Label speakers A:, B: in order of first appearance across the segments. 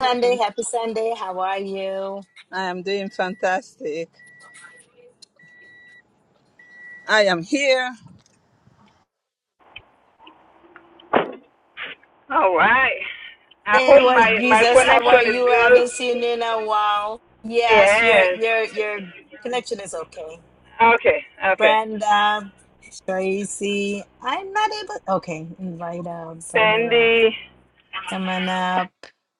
A: Sunday,
B: doing?
A: happy Sunday. How are you?
B: I am doing fantastic. I am here. All right. I
A: Hey,
B: hope
A: what
B: my my
A: Jesus? How are
B: connection is
A: you? I
B: good.
A: haven't seen you in a while. Yes, your
B: Yes.
A: your your connection is okay.
B: Okay. Okay.
A: Brenda, Tracy, I'm not able. Okay, invite up, Brenda up.
B: Sandy,
A: Come on up,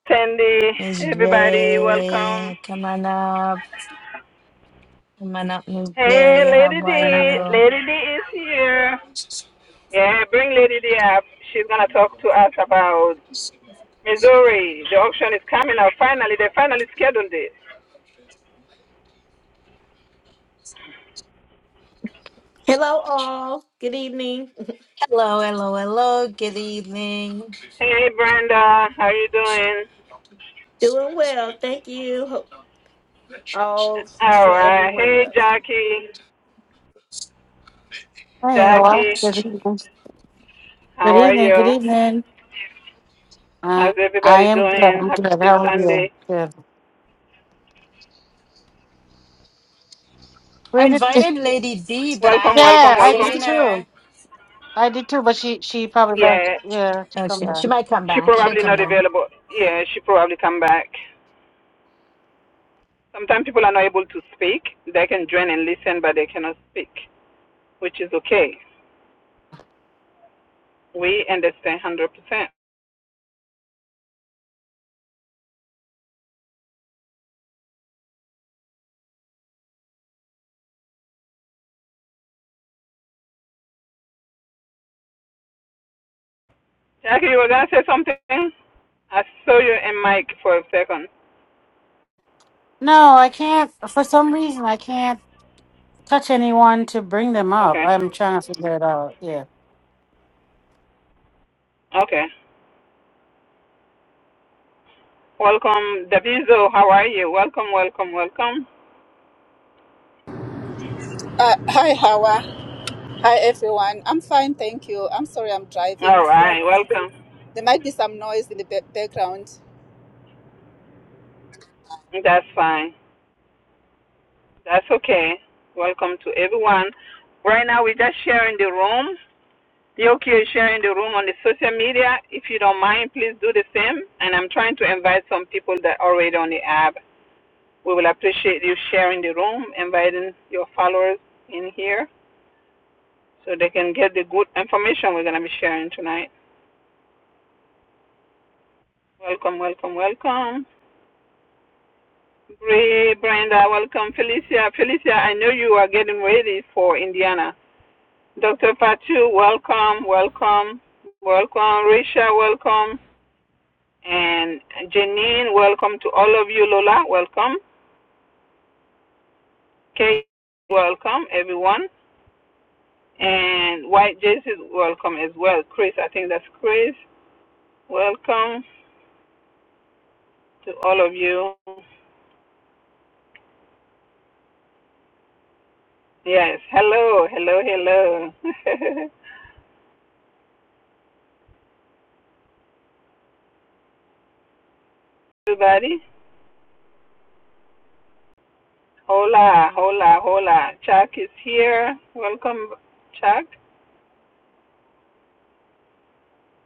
B: Sandy,
A: Miss
B: everybody, welcome.
A: J. Come on up, come on up, Miss
B: Hey,
A: J. How
B: Lady
A: are
B: D,
A: you?
B: Lady D is here. Yeah, bring Lady D up. She's gonna talk to us about Missouri. The auction is coming up. Finally, they finally scheduled it.
C: Hello, all. Good evening.
A: Hello, hello, hello. Good evening.
B: Hey, Brenda, how you doing?
C: Doing well. Thank you. Hope All
B: All
C: for
B: right.
C: everyone
B: Hey,
C: else.
B: Jackie.
D: Hey, hello.
B: Jackie,
D: Good evening.
B: how
D: Good
B: are
D: evening. Good
B: you?
D: evening. Uh,
B: How's
D: I
B: everybody
D: am good.
B: doing?
D: I'm
B: Happy
D: good. How are you?
B: Sunday.
D: Good.
A: I
D: Where did you?
A: invited Lady D, but I
B: Welcome, welcome,
D: Yeah,
A: haven't
D: I
A: seen
D: did
B: welcome.
D: too.
A: her.
D: I did too, but she she probably left.
B: Yeah,
D: Yeah, she come
A: Okay,
D: back.
A: she might come
B: she
A: back. She'll
B: probably
A: come
B: not
A: back.
B: available. Yeah, she probably come back. Sometimes people are not able to speak. They can join and listen, but they cannot speak, which is okay. We understand 100%. Jackie, you were going to say something? I saw you and Mike for a second.
D: No, I can't. For some reason, I can't touch anyone to bring them up.
B: Okay,
D: I'm trying to figure it out. Yeah.
B: okay. Welcome, Daviso. How are you? Welcome, welcome, welcome.
E: Uh, hi, Hawa. Hi, everyone. I'm fine, thank you. I'm sorry I'm driving,
B: All
E: so
B: right,
E: th-
B: welcome.
E: there might be some noise in the ba- background.
B: That's fine. That's okay. Welcome to everyone. Right now, we're just sharing the room. Yoki is sharing the room on the social media. If you don't mind, please do the same. And I'm trying to invite some people that are already on the app. We will appreciate you sharing the room, inviting your followers in here so they can get the good information we're going to be sharing tonight. Welcome, welcome, welcome. Bree, Brenda, welcome. Felicia, Felicia, I know you are getting ready for Indiana. Dr. Patu, welcome, welcome, welcome. Risha, welcome. And Janine, welcome to all of you. Lola, welcome. Kate, welcome, everyone. And White Jason, welcome as well. Chris, I think that's Chris. Welcome to all of you. Yes, hello, hello, hello. Everybody, hola, hola, hola. Chuck is here. Welcome, Chuck.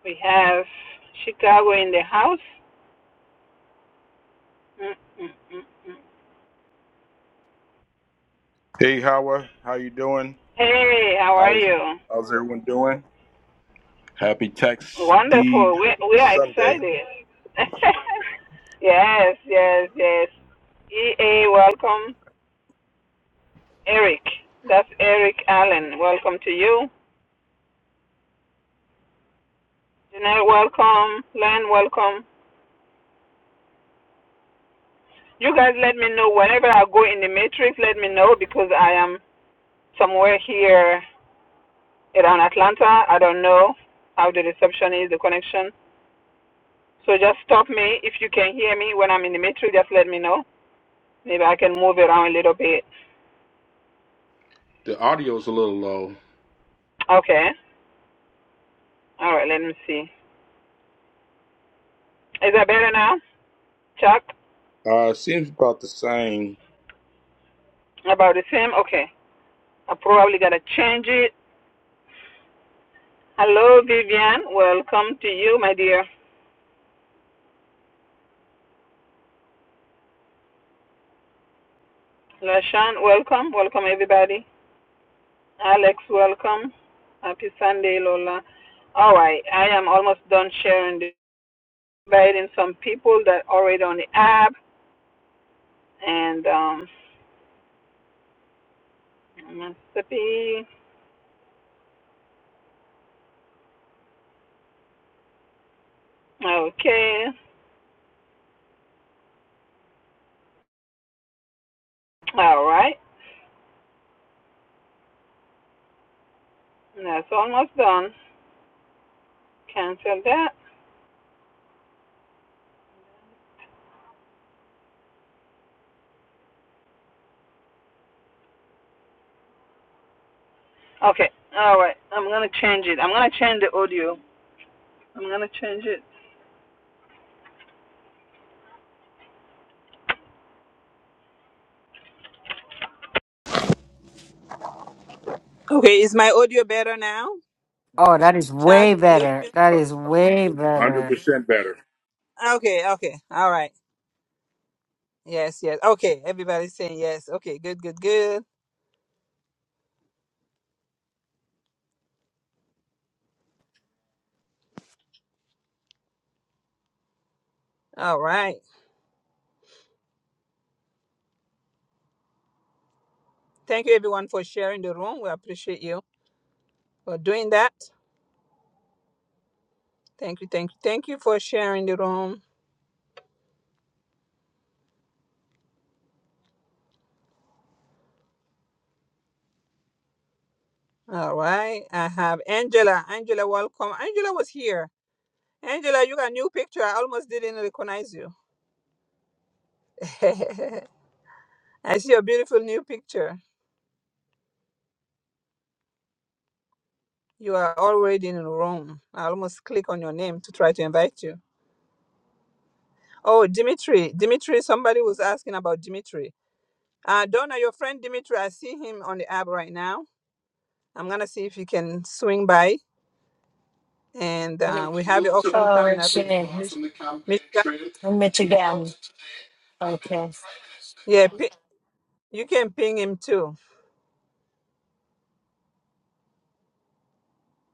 B: We have Chicago in the house. Mm, mm, mm, mm.
F: Hey, Howard, how you doing?
B: Hey, how are
F: How's
B: you?
F: how's everyone doing? Happy Tax Deed
B: Wonderful. We we are
F: Sunday.
B: excited. yes, yes, yes. EA, welcome. Eric, that's Eric Allen. Welcome to you. Janelle, welcome. Len, welcome. You guys, let me know whenever I go in the matrix. Let me know because I am somewhere here around Atlanta. I don't know how the reception is, the connection. So just stop me if you can hear me when I'm in the matrix. Just let me know. Maybe I can move it around a little bit.
F: The audio's a little low.
B: Okay. All right. Let me see. Is that better now? Chuck?
F: Uh, seems about the same.
B: About the same? Okay. I probably got to change it. Hello, Vivian. Welcome to you, my dear. Lashawn, welcome. Welcome, everybody. Alex, welcome. Happy Sunday, Lola. All right. I am almost done sharing this. Inviting some people that are already on the app. And um, Mississippi. Okay. All right. That's almost done. Cancel that. Okay. All right. I'm gonna change it. I'm gonna change the audio. I'm gonna change it. Okay, is my audio better now?
D: Oh, that is
B: Chuck,
D: way
B: you
D: better.
B: okay?
D: That is way
F: Hundred
D: better.
F: percent better.
B: Okay, okay. all right. Yes, yes. Okay, everybody's saying yes. Okay, good, good, good. All right. Thank you, everyone, for sharing the room. We appreciate you for doing that. Thank you, thank you, thank you for sharing the room. All right. I have Angela. Angela, welcome. Angela was here. Angela, you got a new picture. I almost didn't recognize you. I see a beautiful new picture. You are already in Rome. I almost click on your name to try to invite you. Oh, Dimitri. Dimitri, somebody was asking about Dimitri. Uh, Donna, your friend Dimitri, I see him on the app right now. I'm going to see if he can swing by. And uh, we have the auction coming
A: Oh,
B: up. in
A: shit.
B: Mich- Michigan.
A: I meet again. Okay.
B: Yeah, pi- you can ping him too.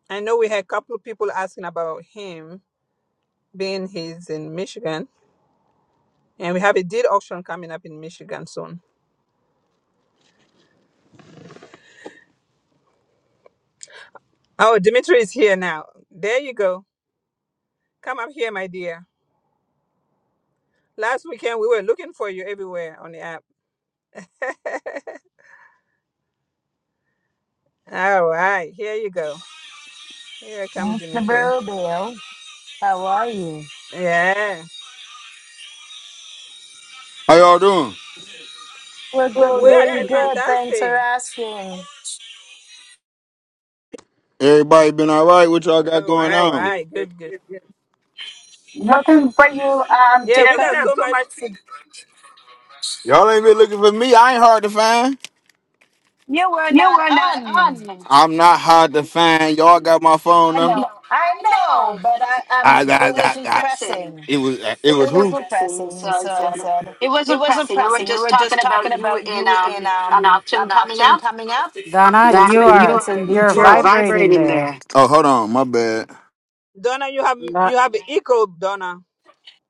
B: I know we had a couple of people asking about him being he's in Michigan. And we have a deed auction coming up in Michigan soon. Oh, Dimitri is here now. There you go. Come up here, my dear. Last weekend we were looking for you everywhere on the app. All right, here you go. Here come
A: Mr.
B: Dimitri.
A: Burrowbill, how are you?
B: Yeah.
G: How y'all doing?
A: We're
G: We're good
A: good,
B: We are
A: doing
B: doing
A: good. Thanks for
B: fantastic.
A: asking.
G: Everybody been all right? What y'all got going
B: All
G: on?
B: right, good, good.
A: Looking
G: Nothing
A: for
G: for
A: you
G: you.
A: um
G: Um,
B: Yeah,
A: to
G: yeah,
B: we
G: we
B: got
A: come.
G: got
B: so
G: so
B: much
G: much. to- Y'all ain't been looking for me. I ain't hard to find.
A: You were
G: You
A: not
G: were not
A: on.
G: on me. I'm not hard to find. Y'all got my phone
A: I
G: I number. I know,
A: know. I
G: I
A: know,
G: know,
A: but
G: but I,
A: I
G: I
A: um
G: I mean, it
A: it
G: wasn't that.
A: wasn't
G: pressing.
A: pressing.
G: It was. It It was wasn't
A: It
G: who?
A: wasn't
G: pressing. So
A: pressing,
G: I
A: so I
G: said
A: said
G: it
A: it
G: wasn't
A: wasn't
G: pressing. We were
A: pressing. We
G: just
A: were
G: talking
A: just talking
G: about you
A: about
G: in
A: you in
G: um an
A: um
G: option
A: an
G: coming
A: auction
G: up.
A: coming up
D: Donna, you
G: Don,
A: and
D: are
G: you're
A: it's in
D: you're
G: you're
A: Detroit.
D: vibrating
G: vibrating
D: there.
G: there. Oh, hold on. My bad.
B: Donna, you have
D: Not
B: you have an echo, Donna.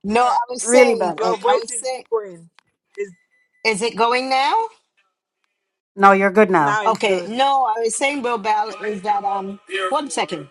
A: No, I was
D: really
A: saying
D: bad.
B: Your
D: Like,
A: I
B: voice
A: was
B: is
A: saying
B: echoing. Is
A: is it going now?
D: no, you're good now.
B: now it's
A: Okay.
B: good.
A: No, I was saying Bill Bell is that um one second.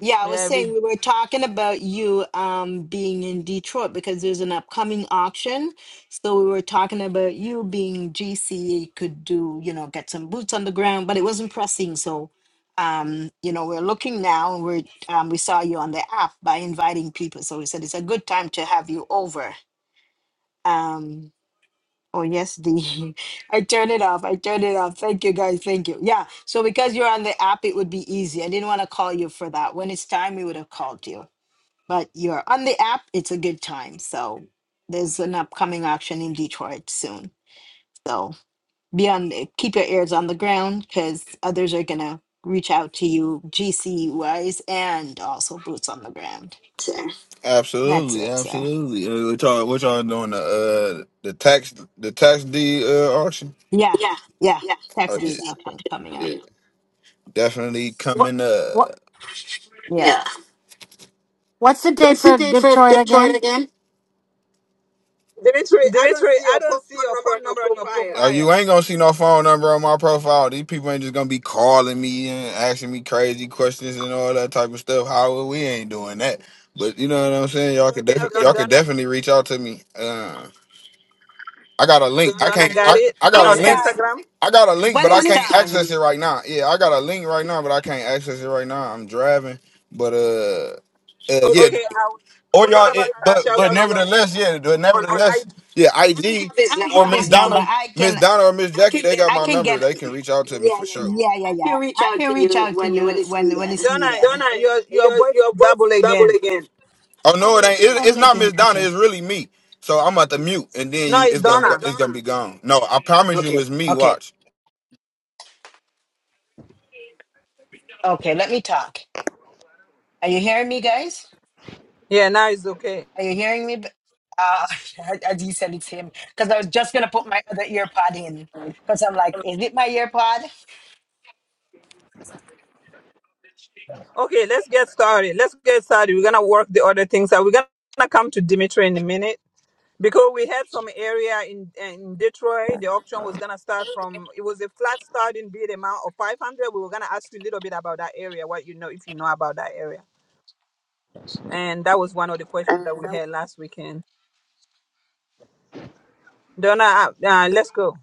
A: Yeah, I was
B: Yeah, we
A: saying we were talking about you um being in Detroit because there's an upcoming auction. So we were talking about you being GC could do, you know, get some boots on the ground, but it wasn't pressing. So um, you know, we're looking now and we're um we saw you on the app by inviting people. So we said it's a good time to have you over. Um Oh yes, D. I turned it off. I turned it off. Thank you guys. Thank you. Yeah. So because you're on the app, it would be easy. I didn't want to call you for that. When it's time, we would have called you. But you're on the app. It's a good time. So there's an upcoming auction in Detroit soon. So be on. Keep your ears on the ground because others are gonna reach out to you, GC wise, and also boots on the ground. That's
G: Absolutely,
A: it, sir.
G: absolutely. Uh, What y'all, what y'all doing? The uh, the tax, the tax deed uh, auction.
A: Yeah.
G: Yeah,
A: Yeah.
G: yeah. Oh
A: Tax
G: yeah, That's
A: deed
G: the
A: auction
G: option
A: coming
G: coming
A: up.
G: yeah, up. definitely What? coming up.
A: Yeah.
G: Yeah.
D: What's the date
G: What's the
D: for
G: date for
D: Detroit
G: Detroit
D: again?
G: again? Dimitri, I don't
B: Dimitri,
G: see
B: I
G: your phone
B: don't see your
G: number on
B: phone
G: your
B: number on your
G: profile. Oh, you
B: profile.
G: ain't gonna see no phone number on my profile. These people ain't just gonna be calling me and asking me crazy questions and all that type of stuff. How we ain't doing that. But you know what I'm saying? Y'all No, could defi-
B: Okay,
G: y'all do could
B: Donna
G: definitely reach out to me. Uh, I got a link. I
B: Donna
G: can't.
B: got
G: I,
B: it
G: I
A: When
G: got
B: on
G: a
A: it's
G: link.
A: time.
B: Instagram.
G: I got a link,
A: when
G: but I
A: it's
G: can't
A: time
G: access it right now. Yeah, I got a link right now, but I can't access it right now. I'm driving, but uh, uh yeah.
B: Okay, I
G: Or
B: will. What
G: y'all,
B: about
G: it,
B: if I
G: but
B: reach
G: but
B: out to you on
G: nevertheless, yeah.
B: Instagram,
G: But
B: on
G: nevertheless,
B: IG?
G: yeah. IG
A: i
G: or
A: have
G: Miss
A: his number
G: Donna,
A: i
G: Miss
A: can
G: Donna or Miss Jackie, they got
A: i
G: my
A: can
G: number.
A: get
G: They can reach out to me for sure.
A: yeah yeah
G: I
A: yeah
G: can reach
A: i
G: out
A: can
G: to
A: reach
G: you
A: out to
G: when when
A: you
G: it's
A: when when
G: needed.
A: it's
B: Donna,
A: needed
G: Donna,
B: your your
G: your
B: voice is
G: your voice
B: double
G: double
B: again.
G: again. Oh no, it ain't. It, it's
A: Probably
G: not
A: again
G: Miss Donna.
A: okay
G: It's really me. So I'm at the mute, and then
B: No,
G: you,
B: it's
G: it's No, gonna, go, it's
B: Donna.
G: gonna be gone. No, I promise Look you, it's me.
A: okay
G: Watch.
A: okay let me talk are you hearing me guys
B: Yeah, now it's okay.
A: are you hearing me uh as you said it's him because i was just gonna put my other ear pod in because i'm like is it my ear pod
B: Okay, let's get started. Let's get started. We're gonna work the other things out. We're gonna come to Dimitri in a minute because we had some area in in Detroit. The auction was gonna start from it was a flat starting bid amount of five hundred. We were gonna ask you a little bit about that area, what you know, if you know about that area, and that was one of the questions that we had last weekend. Donna, uh, uh, let's go.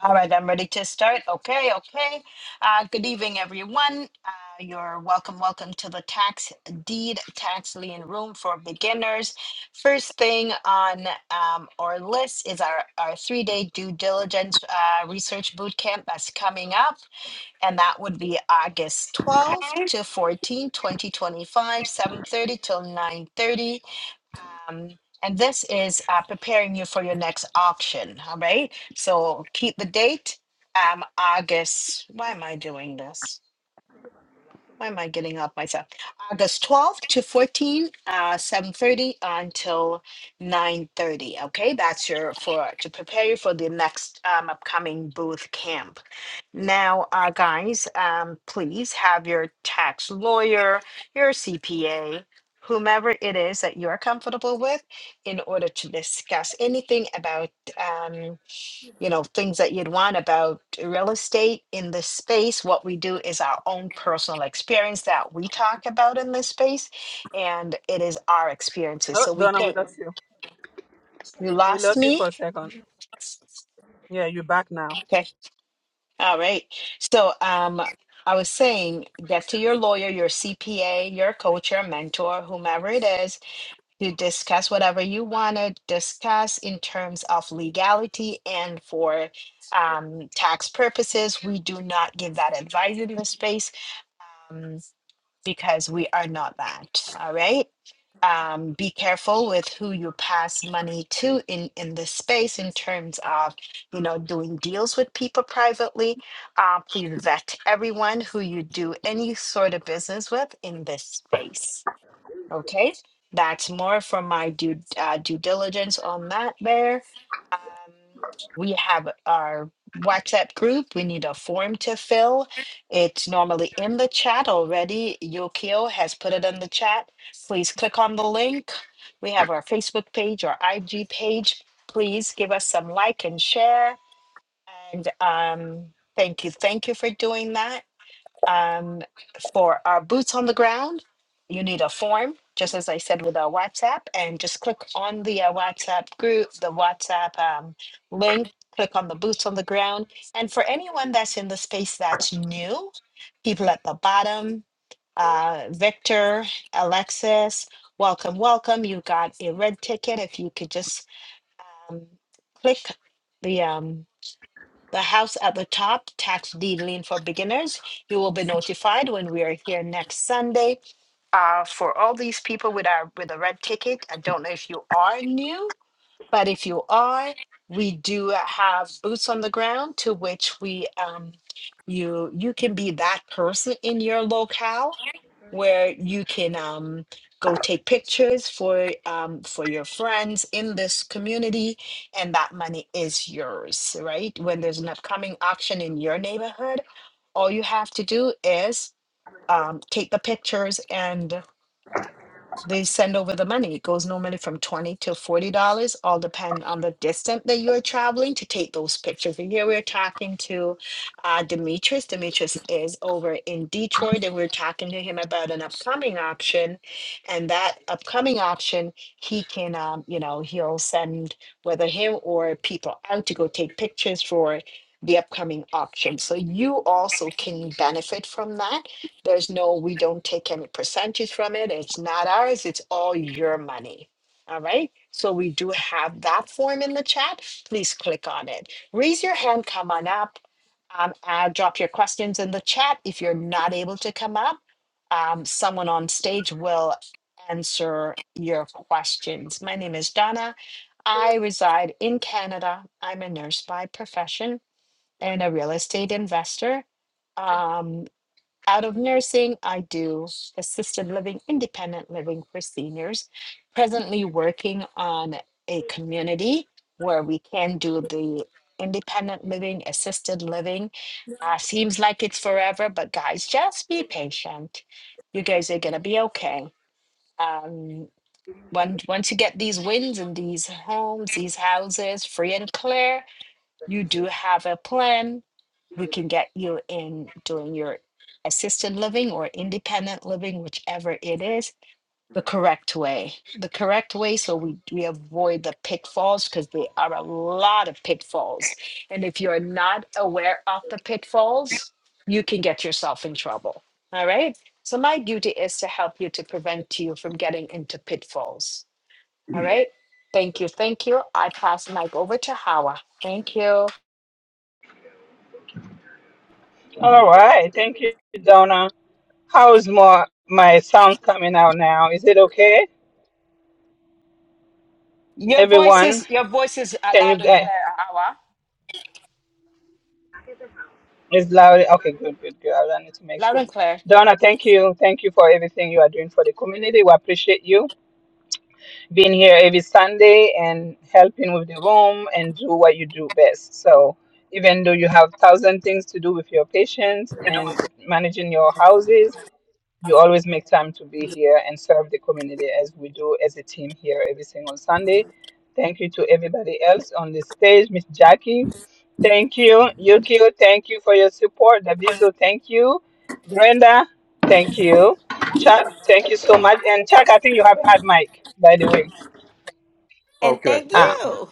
A: All right, I'm ready to start. Okay, okay. Uh, good evening, everyone. Uh, you're welcome, welcome to the tax deed tax lien room for beginners. First thing on um, our list is our, our three day due diligence uh, research boot camp that's coming up, and that would be August 12th to 14, 2025, 7:30 till 9:30. Um, and this is uh, preparing you for your next auction. All right. So keep the date. Um, August. Why am I doing this? Why am I getting up myself? August 12th to 14, uh, 7.30 until 9.30. Okay, that's your for to prepare you for the next um, upcoming booth camp. Now, uh, guys, um, please have your tax lawyer, your CPA, whomever it is that you're comfortable with in order to discuss anything about um you know, things that you'd want about real estate in this space. What we do is our own personal experience that we talk about in this space, and it is our experiences.
B: Oh,
A: So we
B: Donna, we
A: can't.
B: lost you.
A: You
B: We
A: lost
B: lost you
A: me.
B: for a second. Yeah, you're back now.
A: Okay. All right. So um, I was saying, get to your lawyer, your CPA, your coach, your mentor, whomever it is, to discuss whatever you want to discuss in terms of legality and for um, tax purposes. We do not give that advice in the space um, because we are not that. All right. Um, be careful with who you pass money to in in this space in terms of you know doing deals with people privately. Uh, please vet everyone who you do any sort of business with in this space. Okay, that's more from my due uh, due diligence on that. There, um, we have our WhatsApp group. We need a form to fill. It's normally in the chat already. Yukio has put it in the chat. Please click on the link. We have our Facebook page, our IG page. Please give us some like and share. And um, thank you, thank you for doing that um, for our boots on the ground, you need a form, just as I said with our WhatsApp, and just click on the uh, WhatsApp group, the WhatsApp um, link, click on the boots on the ground. And for anyone that's in the space that's new, people at the bottom, uh, Victor, Alexis, welcome, welcome. You got a red ticket. If you could just um, click the um, the house at the top, tax deed lien for beginners. You will be notified when we are here next Sunday. Uh, for all these people with our with a red ticket, I don't know if you are new. But if you are, we do have boots on the ground to which we um, you you can be that person in your locale where you can um, go take pictures for um, for your friends in this community and that money is yours right when there's an upcoming auction in your neighborhood all you have to do is um, take the pictures and they send over the money. It goes normally from twenty to forty dollars, all depend on the distance that you're traveling to take those pictures. And here we're talking to uh, Demetrius. Demetrius is over in Detroit, and we're talking to him about an upcoming option. And that upcoming option, he can, um, you know, he'll send whether him or people out to go take pictures for the upcoming auction. So you also can benefit from that there's no, we don't take any percentage from it. It's not ours, it's all your money. All right. So we do have that form in the chat. Please click on it. Raise your hand, come on up. Um, uh, drop your questions in the chat. If you're not able to come up, um, someone on stage will answer your questions. My name is Donna. I reside in Canada. I'm a nurse by profession and a real estate investor Um. Out of nursing, I do assisted living, independent living for seniors. Presently working on a community where we can do the independent living, assisted living. Uh, seems like it's forever, but guys, just be patient. You guys are gonna be okay. Um, when, once you get these wins in these homes, these houses free and clear, you do have a plan we can get you in doing your assisted living or independent living, whichever it is, the correct way. The correct way so we, we avoid the pitfalls because there are a lot of pitfalls. And if you're not aware of the pitfalls, you can get yourself in trouble. All right. So my duty is to help you to prevent you from getting into pitfalls. All right. Thank you. Thank you. I pass mic over to Hawa. Thank you.
B: All right. Thank you, Donna. How is my, my sound coming out now? Is it okay?
A: Your voice
B: Everyone,
A: is your voice is uh,
B: can you
A: loud and clear,
B: guys?
A: Awa.
B: It's loud. Okay, good, good, good. I wanted to make
A: Loud
B: sure.
A: and clear.
B: Donna, thank you. Thank you for everything you are doing for the community. We appreciate you being here every Sunday and helping with the room and do what you do best. So, even though you have thousand things to do with your patients and managing your houses, You always make time to be here and serve the community as we do as a team here every single Sunday. Thank you to everybody else on the stage, Miss Jackie. Thank you, Yukio. Thank you for your support. Daviso, thank you. Brenda, thank you. Chuck, thank you so much. And Chuck, I think you have had mic, by the way.
C: And
F: Okay,
C: thank
F: got it.
B: Ah,
C: you.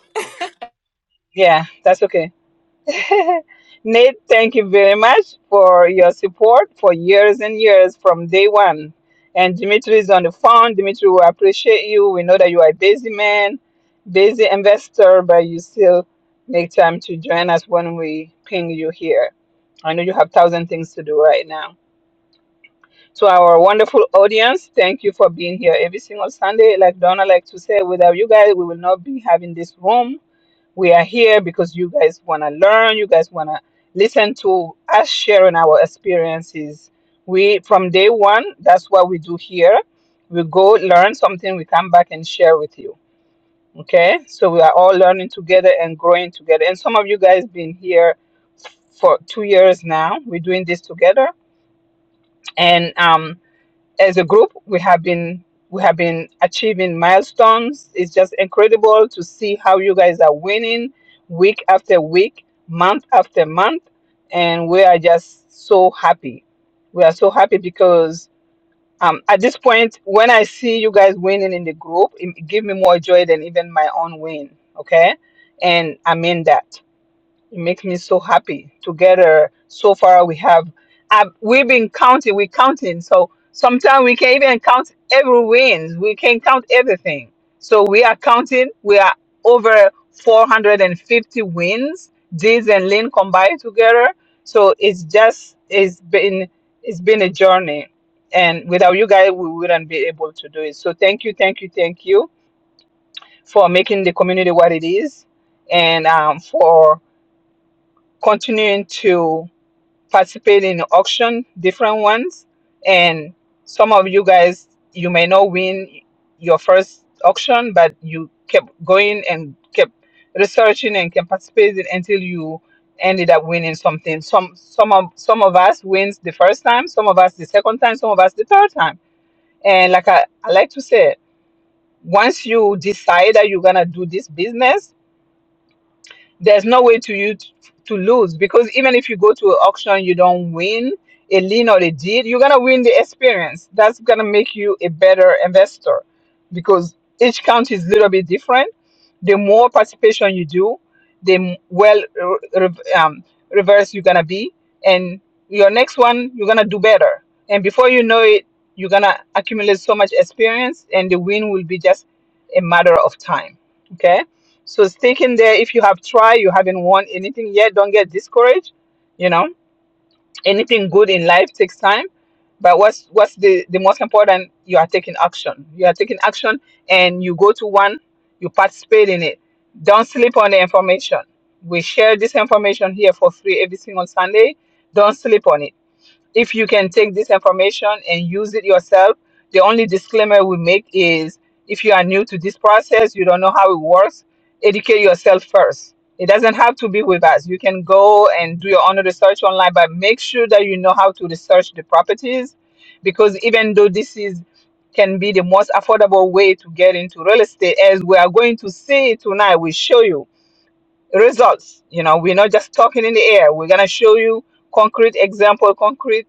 B: yeah, that's okay. Nate, thank you very much for your support for years and years from day one. And Dimitri is on the phone. Dimitri, we appreciate you. We know that you are a busy man, busy investor, but you still make time to join us when we ping you here. I know you have thousand things to do right now. To our wonderful audience, thank you for being here every single Sunday. Like Donna like to say, without you guys, we will not be having this room we are here because you guys want to learn you guys want to listen to us sharing our experiences we from day one that's what we do here we go learn something we come back and share with you okay so we are all learning together and growing together and some of you guys been here for two years now we're doing this together and um as a group we have been we have been achieving milestones it's just incredible to see how you guys are winning week after week month after month and we are just so happy we are so happy because um, at this point when i see you guys winning in the group it give me more joy than even my own win okay and i mean that it makes me so happy. Together, so far we have, uh, we've been counting. We're counting. So sometimes we can even count every wins. We can count everything. So we are counting. We are over 450 wins. Diz and Lynn combined together. So it's just it's been it's been a journey, and without you guys, we wouldn't be able to do it. So thank you, thank you, thank you for making the community what it is, and um, for continuing to participate in the auction, different ones. And some of you guys, you may not win your first auction, but you kept going and kept researching and kept participating until you ended up winning something. Some some of some of us wins the first time, some of us the second time, some of us the third time. And like I, I like to say, once you decide that you're gonna do this business, there's no way to you t- to lose because even if you go to an auction, you don't win a lien or a deed, you're gonna win the experience. That's gonna make you a better investor because each county is a little bit different. The more participation you do, the m- well re- re- um, reverse you're gonna be, and your next one you're gonna do better. And before you know it, you're gonna accumulate so much experience, and the win will be just a matter of time. Okay so stick in there. If you have tried, you haven't won anything yet, don't get discouraged. You know, anything good in life takes time. But what's what's the, the most important? You are taking action. You are taking action and you go to one, you participate in it. Don't sleep on the information. We share this information here for free every single Sunday. Don't sleep on it if you can take this information and use it yourself, the only disclaimer we make is if you are new to this process, you don't know how it works, educate yourself first. It doesn't have to be with us. You can go and do your own research online, but make sure that you know how to research the properties because even though this is can be the most affordable way to get into real estate as we are going to see tonight, we show you results. You know, we're not just talking in the air. We're gonna show you concrete example, concrete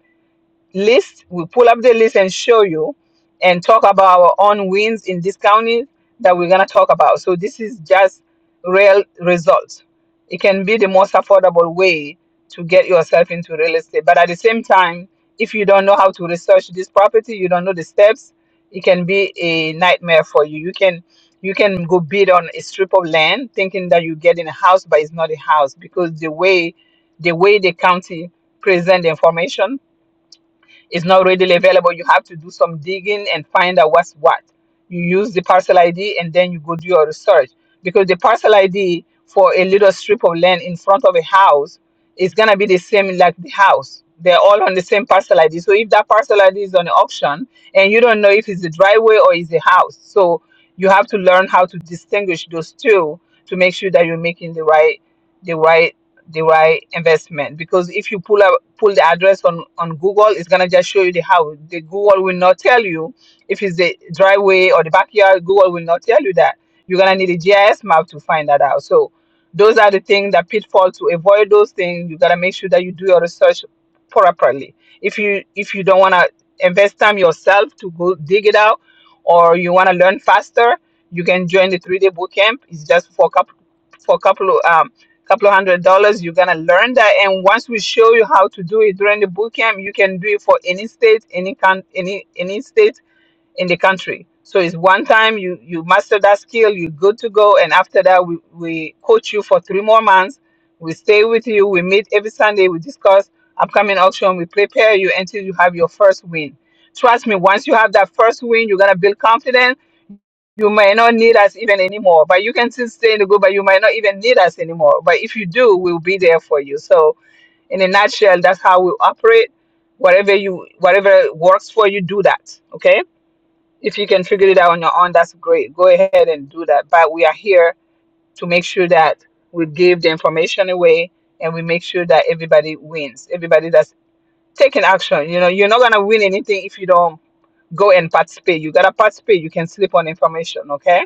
B: list. We'll pull up the list and show you and talk about our own wins in this county that we're going to talk about. So this is just real results. It can be the most affordable way to get yourself into real estate. But at the same time, if you don't know how to research this property, you don't know the steps, it can be a nightmare for you. You can you can go bid on a strip of land thinking that you're getting a house, but it's not a house because the way the way the county present the information is not readily available, you have to do some digging and find out what's what. You use the parcel ID and then you go do your research because the parcel ID for a little strip of land in front of a house is gonna be the same like the house. They're all on the same parcel ID. So if that parcel ID is on auction and you don't know if it's a driveway or it's a house, so you have to learn how to distinguish those two to make sure that you're making the right the right the right investment because if you pull up pull the address on on Google, it's gonna just show you the house. The Google will not tell you if it's the driveway or the backyard. Google will not tell you that. You're gonna need a GIS map to find that out. So those are the things that pitfall to avoid those things. You gotta make sure that you do your research properly. If you if you don't wanna invest time yourself to go dig it out, or you wanna learn faster, you can join the three day boot camp. It's just for a couple for a couple of couple of hundred dollars. You're gonna learn that, and once we show you how to do it during the boot camp, you can do it for any state, any con- any any state in the country. So it's one time you you master that skill, you're good to go, and after that we we coach you for three more months. We stay with you. We meet every Sunday. We discuss upcoming auction. We prepare you until you have your first win. Trust me, once you have that first win, you're gonna build confidence you might not need us even anymore, but you can still stay in the group, but you might not even need us anymore. But if you do, we'll be there for you. So in a nutshell, that's how we operate. Whatever you whatever works for you, do that. Okay? If you can figure it out on your own, that's great. Go ahead and do that. But we are here to make sure that we give the information away and we make sure that everybody wins. Everybody that's taking action. You know, you're not gonna win anything if you don't go and participate. You gotta participate. You can sleep on information, okay?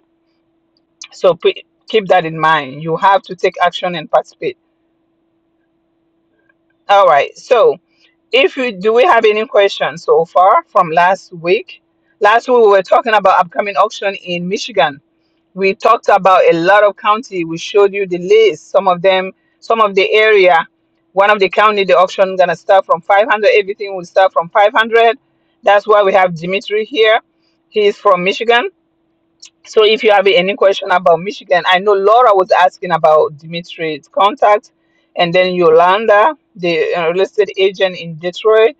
B: So pe- keep that in mind. You have to take action and participate. All right. So if you do, we have any questions so far from last week? Last week we were talking about upcoming auction in Michigan. We talked about a lot of county. We showed you the list. Some of them, some of the area. One of the county, the auction gonna start from 500. Everything will start from 500. That's why we have Dimitri here. He's from Michigan So if you have any question about Michigan, I know Laura was asking about Dimitri's contact, and then Yolanda, the uh, real estate agent in Detroit,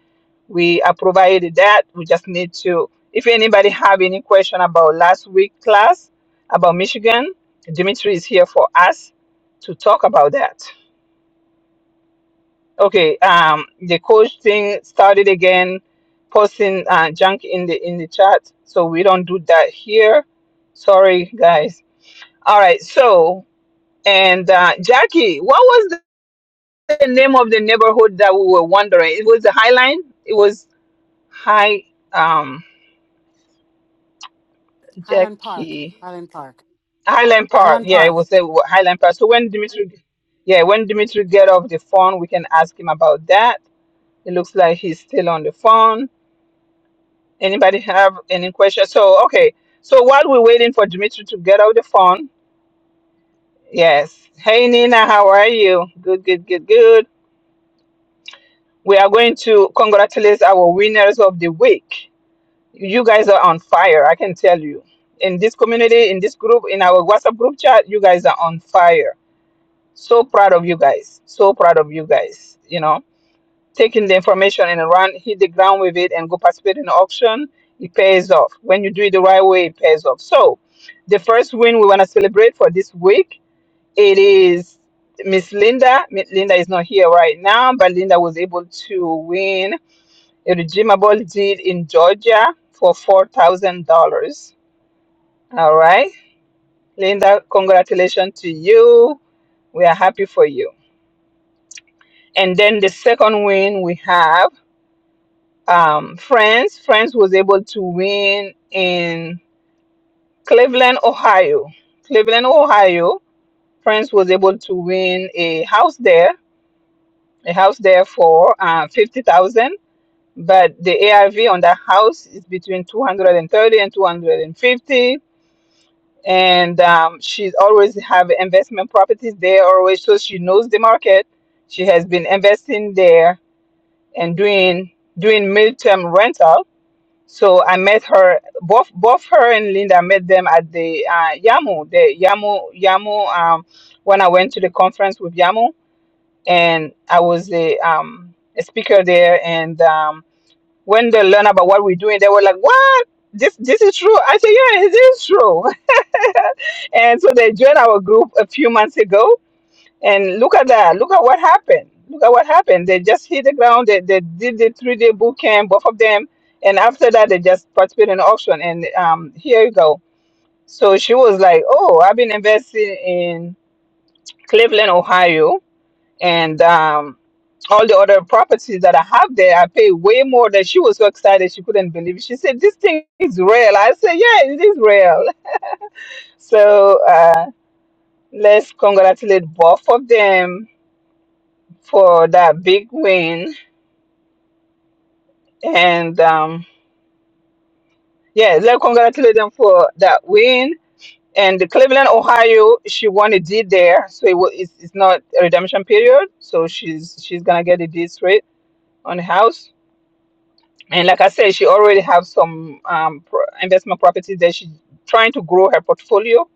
B: we are provided that. We just need to. If anybody have any question about last week class about Michigan, Dimitri is here for us to talk about that. Okay, um, the coach thing started again, posting uh, junk in the in the chat, so we don't do that here. Sorry, guys all right. So, and uh, Jackie, what was the name of the neighborhood that we were wondering? It was the Highline. It was High, um,
D: Highland Park.
B: Jackie,
D: Highland Park.
B: Highland Park.
D: Highland
B: Yeah, it
D: Park.
B: was the Highland Park. So when Dimitri, yeah, when Dimitri get off the phone, we can ask him about that. It looks like he's still on the phone. Anybody have any questions? So okay. So while we're waiting for Dimitri to get off the phone, yes. Hey Nina, how are you? Good, good, good, good. We are going to congratulate our winners of the week. You guys are on fire, I can tell you. In this community, in this group, in our WhatsApp group chat, you guys are on fire. So proud of you guys. So proud of you guys. You know, taking the information and run, hit the ground with it and go participate in the auction, it pays off. When you do it the right way, it pays off. So, the first win we want to celebrate for this week, it is Miss Linda. Mi- Linda is not here right now, but Linda was able to win a redeemable deed in Georgia for $4,000. All right. Linda, congratulations to you. We are happy for you. And then the second win we have um, France. France was able to win in Cleveland, Ohio. Cleveland, Ohio. France was able to win a house there, a house there for uh, 50000 but the ARV on that house is between 230 and 250 and um, she's always have investment properties there always so she knows the market she has been investing there and doing doing midterm rental so i met her both both her and linda I met them at the uh, yamu the yamu yamu um, when i went to the conference with yamu and i was a, um, a speaker there and um when they learn about what we're doing, they were like, "What? This this is true." I said, "Yeah, it is true." and so they joined our group a few months ago, and look at that! Look at what happened! Look at what happened! They just hit the ground. They, they did the three day boot camp, both of them, and after that, they just participated in auction. And um, here you go. So she was like, "Oh, I've been investing in Cleveland, Ohio." And um all the other properties that I have there, I pay way more than she was so excited she couldn't believe it. She said, This thing is real. I said, Yeah, it is real. So uh, let's congratulate both of them for that big win. And um, yeah, let's congratulate them for that win. And the Cleveland, Ohio, she won a deed there. So it wa- it's, it's not a redemption period. So she's she's going to get a deed straight on the house And like I said, she already have some um, pro- investment properties that she's trying to grow her portfolio.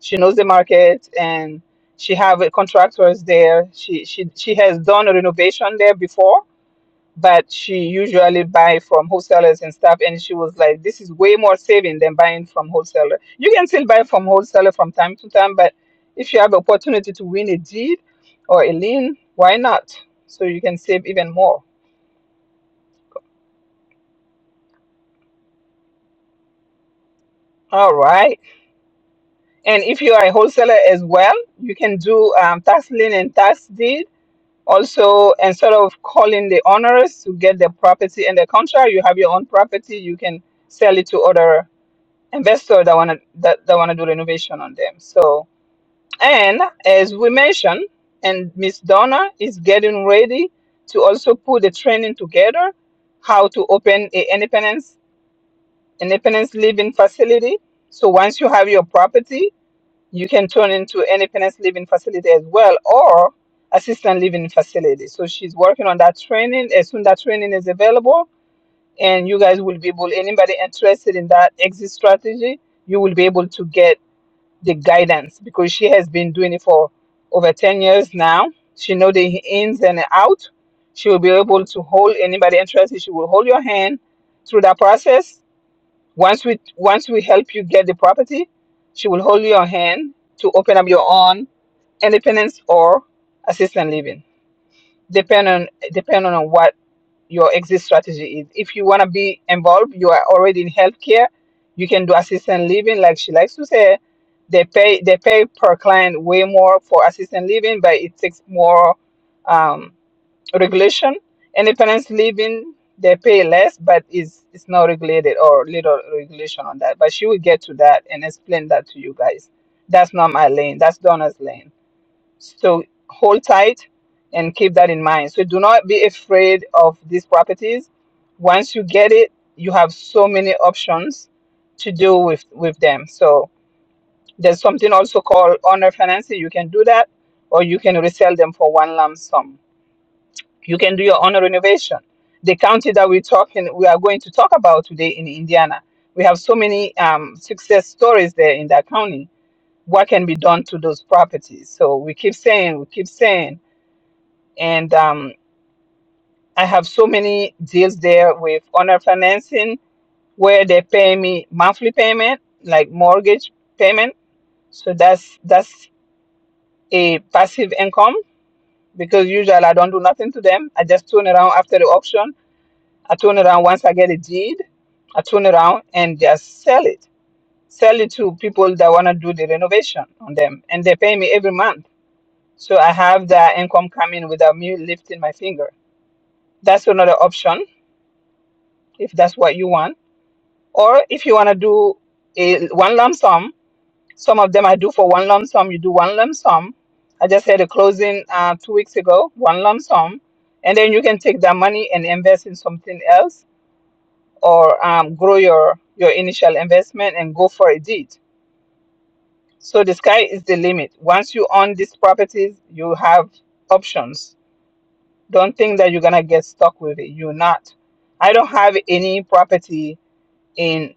B: She knows the market and she have uh, contractors there. She she she has done a renovation there before, but she usually buy from wholesalers and stuff. And she was like, this is way more saving than buying from wholesaler. You can still buy from wholesaler from time to time, but if you have opportunity to win a deed or a lien, why not? So you can save even more. All right. And if you are a wholesaler as well, you can do um, tax lien and tax deed. Also, and sort of calling the owners to get the property and the contract. You have your own property. You can sell it to other investors that wanna that, that wanna do renovation on them. So, and as we mentioned, and Miss Donna is getting ready to also put the training together, how to open a independence independence living facility. So once you have your property, you can turn into independence living facility as well or assistant living facility. So she's working on that training. As soon that training is available, and you guys will be able, anybody interested in that exit strategy, you will be able to get the guidance because she has been doing it for over 10 years now. She know the ins and out. She will be able to hold anybody interested. She will hold your hand through that process once we once we help you get the property, she will hold your hand to open up your own independence or assistant living, depend on depending on what your exit strategy is. If you want to be involved, you are already in healthcare. You can do assistant living, like she likes to say. They pay they pay per client way more for assistant living, but it takes more. um, regulation. Any parents living, they pay less, but it's it's not regulated or little regulation on that. But she will get to that and explain that to you guys. That's not my lane. That's Donna's lane. So hold tight and keep that in mind. So do not be afraid of these properties. Once you get it, you have so many options to do with with them. So there's something also called owner financing. You can do that, or you can resell them for one lump sum you can do your own renovation. The county that we're talking, we are going to talk about today in Indiana, we have so many um, success stories there in that county. What can be done to those properties? So we keep saying, we keep saying, and um, I have so many deals there with owner financing where they pay me monthly payment, like mortgage payment. So that's that's a passive income because usually I don't do nothing to them. I just turn around after the auction I turn around once I get a deed, I turn around and just sell it. Sell it to people that want to do the renovation on them. And they pay me every month. So I have that income coming without me lifting my finger. That's another option if that's what you want. Or if you want to do a one lump sum, some of them I do for one lump sum. You do one lump sum. I just had a closing uh, two weeks ago, one lump sum. And then you can take that money and invest in something else or um, grow your your initial investment and go for a deed. So the sky is the limit. Once you own these properties, you have options. Don't think that you're gonna get stuck with it. You're not. I don't have any property in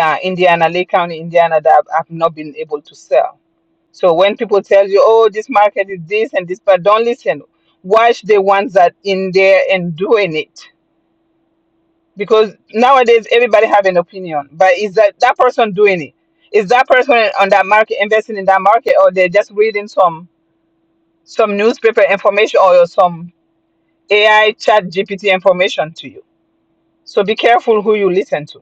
B: uh, Indiana, Lake County, Indiana, that I've I've not been able to sell. So when people tell you, "Oh, this market is this and this," but don't listen. Watch the ones that in there and doing it because nowadays everybody have an opinion but is that that person doing it is that person on that market investing in that market or they're just reading some some newspaper information or some ai chat gpt information to you so be careful who you listen to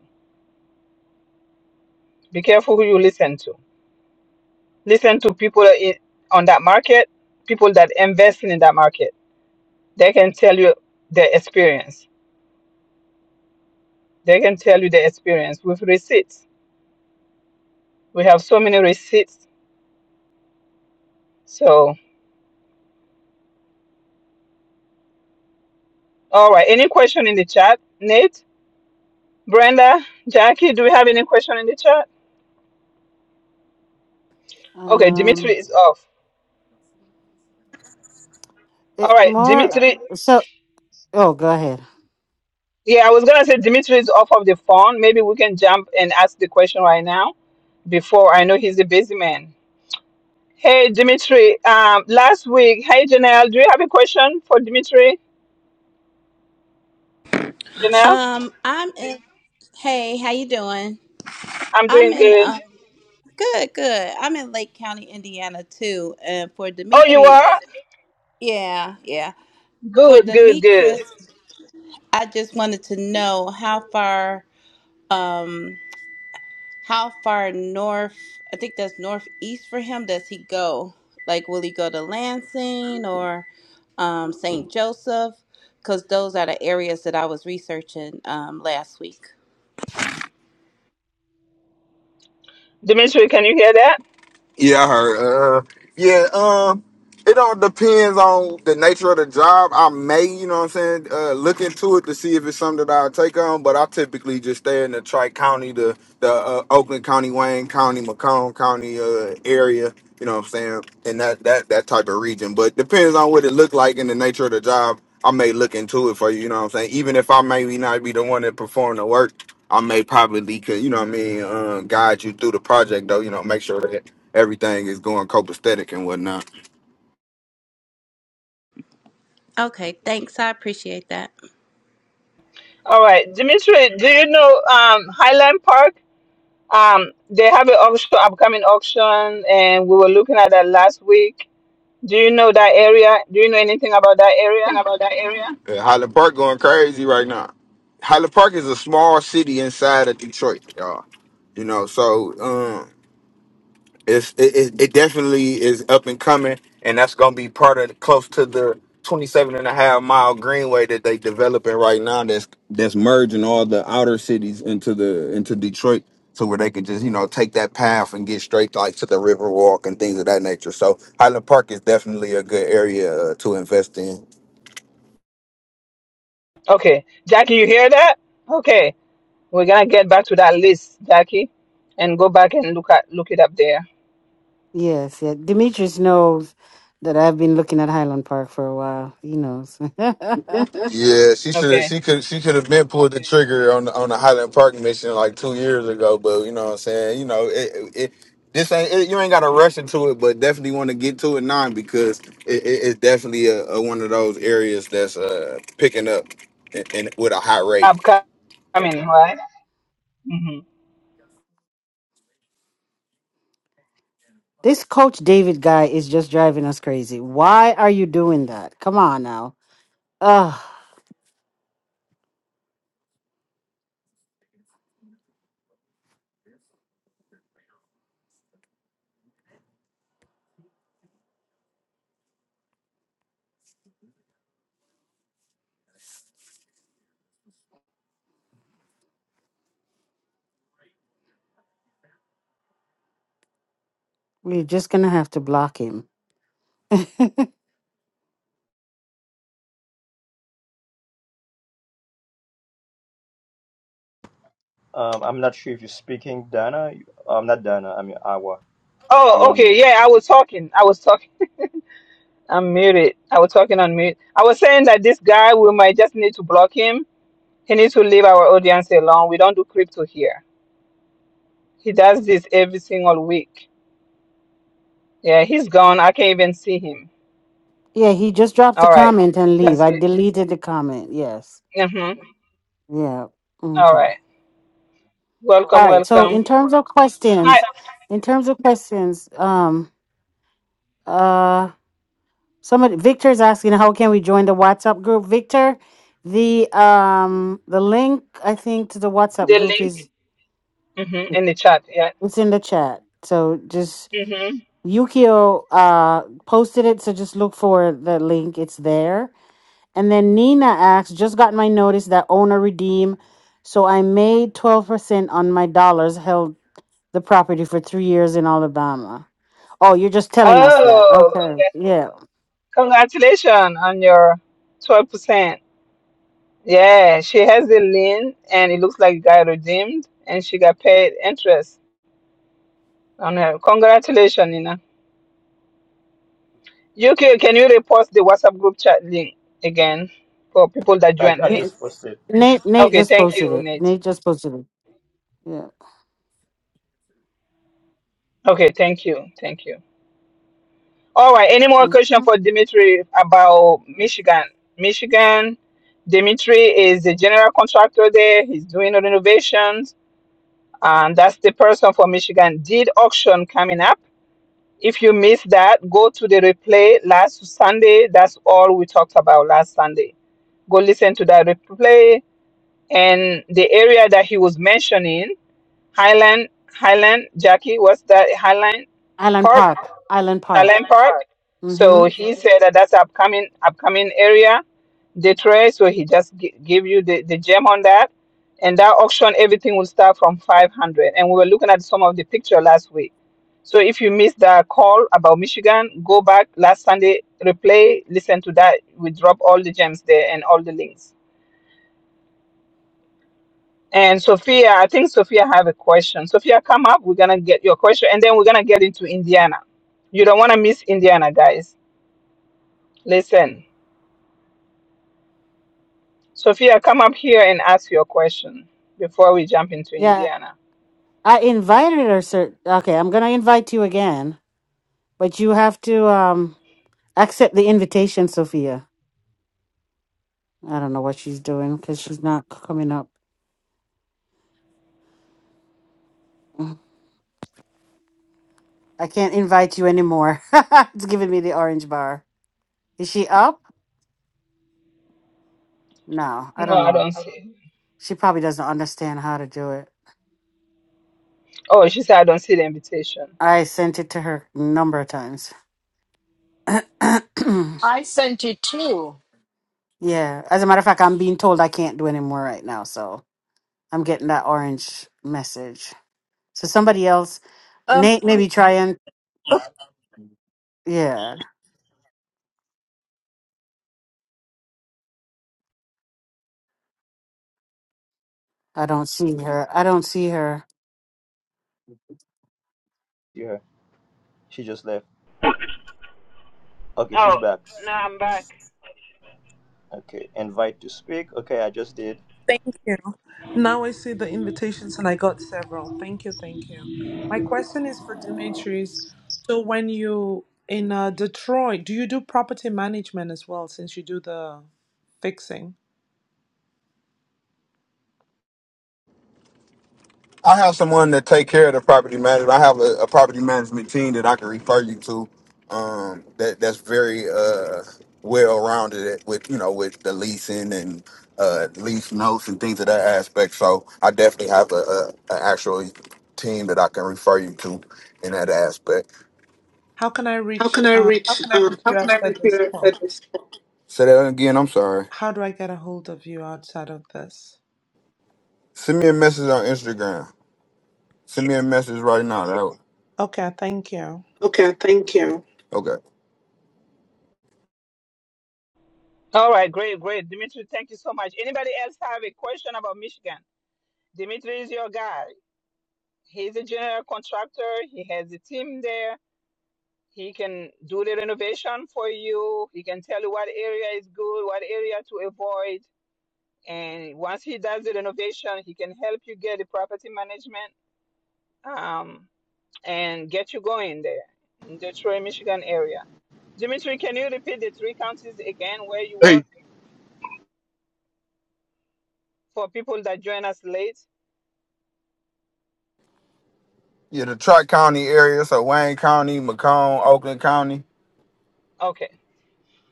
B: be careful who you listen to listen to people in, on that market people that investing in that market they can tell you their experience they can tell you their experience with receipts we have so many receipts so All right. Any question in the chat? Nate, Brenda, Jackie, do we have any question in the chat? Okay, Dimitri
D: Um,
B: is off. All
D: it,
B: right,
D: more. uh,
B: Dimitri.
D: So, oh, go ahead.
B: Yeah, I was gonna say Dimitri is off of the phone. Maybe we can jump and ask the question right now before I know he's a busy man. Hey, Dimitri. Um, last week. Hey, Janelle. Do you have a question for Dimitri? Janelle,
H: Um, I'm in. Hey, how you doing?
B: I'm
H: I'm
B: doing
H: in.
B: good.
H: Um, good, good. I'm in Lake County, Indiana, too. And for
B: Oh, you
H: Demetrius,
B: are
H: yeah, yeah. For
B: good, good, good.
H: Demetrius, I just wanted to know how far, um, how far north? I think that's northeast for him. Does he go? Like, will he go to Lansing or um, St. Joseph? Because those are the areas that I was researching um, last week.
B: Dimitri, can you hear that?
G: Yeah, I heard. Uh, yeah, um, it all depends on the nature of the job. I may, you know what I'm saying, uh, look into it to see if it's something that I'll take on, but I typically just stay in the Tri County, the, the uh, Oakland County, Wayne County, Macomb County uh, area, you know what I'm saying, and that, that, that type of region. But depends on what it look like and the nature of the job. I may look into it for you, you know what I'm saying? Even if I maybe not be the one that perform the work, I may probably could, you know what I mean, um, guide you through the project though, you know, make sure that everything is going copacetic and whatnot.
H: Okay, thanks. I appreciate that.
B: All right, Dimitri. Do you know um, Highland Park? Um, they have an auction, upcoming auction, and we were looking at that last week. Do you know that area? Do you know anything about that
G: Think
B: area?
G: about that area. Uh, Highland Park going crazy right now. Highland Park is a small city inside of Detroit, y'all. You know, so um, it's it, it, it definitely is up and coming and that's going to be part of the, close to the 27 and a half mile greenway that they developing right now that's that's merging all the outer cities into the into detroit to where they can just you know take that path and get straight like to the Riverwalk and things of that nature so highland park is definitely a good area uh, to invest in
B: Okay, Jackie, you hear that? Okay, we're gonna get back to that list, Jackie, and go back and look at look it up there.
D: Yes, yeah. Demetrius knows that I've been looking at Highland Park for a while. He knows.
G: Yeah, she should.
B: Okay,
G: She could. She could have been pulled the trigger on the, on the Highland Park mission like two years ago. But you know what I'm saying. You know it. it this ain't it, you ain't got to rush into it, but definitely want to get to it now because it, it, it's definitely a, a, one of those areas that's uh, picking up and, and with a high rate.
B: upcoming, right? hmm
D: this Coach David guy is just driving us crazy. Why are you doing that? Come on now. Ugh, we're just gonna have to block him.
I: Um, I'm not sure if you're speaking, Dana. I'm not Dana. I mean Awa. You're
B: Oh,
I: on
B: okay,
I: mute.
B: yeah, I was talking. I was talking. I'm muted. I was talking on mute. I was saying that this guy, we might just need to block him. He needs to leave our audience alone. We don't do crypto here. He does this every single week. Yeah, he's gone. I can't even see him.
D: Yeah, he just dropped a
B: All right.
D: comment and leave.
B: That's
D: I
B: it.
D: deleted the comment. Yes.
B: Mm-hmm.
D: Yeah.
B: All
D: Okay.
B: right. Welcome,
D: All right. So in
B: welcome.
D: terms of
B: Hi.
D: questions, in terms of questions, um, uh, somebody Victor's asking how can we join the WhatsApp group? Victor, the um the link I think to the WhatsApp
B: The
D: group
B: link
D: is
B: hmm in the chat. Yeah.
D: it's in the chat. So just
B: Mm-hmm.
D: Yukio uh posted it, so just look for the link. It's there. And then Nina asks, just got my notice that owner redeem, so I made twelve percent on my dollars held the property for three years in Alabama. Oh, you're just telling us that.
B: Oh,
D: Okay.
B: congra-
D: Yeah.
B: congratulations on your 12%. Yeah, she has the lien and it looks like it got redeemed and she got paid interest on her. Congratulations, Nina. You can, can you repost the WhatsApp group chat link again for people that
I: I,
B: joined
I: I
B: late?
D: N-
I: just posted.
D: Nate Nate
B: Okay,
D: just
B: thank
D: posted
B: you,
D: it.
B: Nate.
D: Nate just posted it. Yeah.
B: Okay, thank you, thank you. All right, any more question
D: hmm
B: for Dimitri about Michigan? Michigan, Dimitri is the general contractor there. He's doing the renovations, and that's the person for Michigan deed auction coming up. If you missed that, go to the replay last Sunday. That's all we talked about last Sunday. Go listen to that replay and the area that he was mentioning, Highland, Highland, Jackie, what's that? Highland
D: Island
B: Park
D: Park. Island Park.
B: Allen Park.
D: Mm-hmm.
B: So he said that that's upcoming upcoming area, Detroit. So he just g- gave you the, the gem on that, and that auction everything will start from five hundred. And we were looking at some of the picture last week. So if you missed the call about Michigan, go back last Sunday, replay, listen to that. We drop all the gems there and all the links. And Sophia, I think Sophia have a question. Sophia, come up. We're gonna get your question, and then we're gonna get into Indiana. You don't wanna miss Indiana, guys. Listen. Sophia, come up here and ask your question before we jump into
D: Yeah.
B: Indiana.
D: I invited her, sir. Okay, I'm gonna invite you again, but you have to um accept the invitation, Sophia. I don't know what she's doing because she's not c- coming up. I can't invite you anymore. it's giving me the orange bar. Is she up? No, I
B: No,
D: don't
B: I
D: know.
B: don't see.
D: She probably doesn't understand how to do it.
B: Oh, she said I don't see the invitation.
D: I sent it to her a number of times. yeah.
A: I sent it too.
D: As a matter of fact, I'm being told I can't do any more right now, so I'm getting that orange message. So somebody else,
E: Um.
D: Nate, maybe try and yeah. I don't see her. I don't see her.
I: Yeah, she just left. Okay, she's
B: Oh,
I: back.
B: no, I'm back.
I: Okay, invite to speak. Okay, I just did.
J: Thank you. Now I see the invitations and I got several. Thank you, thank you. My question is for Demetrius. So when you in uh, Detroit, do you do property management as well since you do the fixing?
G: I have someone that take care of the property management. I have a, a property management team that I can refer you to. Um, that that's very uh, well rounded at- with you know with the leasing and uh, lease notes and things of that aspect. So I definitely have a, a, a actual team that I can refer you to in that aspect.
J: How can I
G: How
J: reach
G: can I
J: uh, how
G: reach?
J: can I
G: Um,
J: reach
G: how
J: you
G: can I
J: after
G: reach
J: this
G: you
J: call?
G: at this? Say that again. I'm sorry.
J: How do I get a hold of you outside of this?
G: Send me a message on Instagram. Send me a message right now. That would-
J: Okay, thank you.
G: Okay, thank you. okay.
B: All right, great, great. Dimitri, thank you so much. Anybody else have a question about Michigan? Dimitri is your guy. He's a general contractor. He has a team there. He can do the renovation for you. He can tell you what area is good, what area to avoid. And once he does the renovation, he can help you get the property management. Um, and get you going there in Detroit, Michigan area. Dimitri, can you repeat the three counties again where you
F: Hey,
B: work for people that join us late?
G: Yeah, the Tri County area, so Wayne County, Macomb, Oakland County,
B: Okay,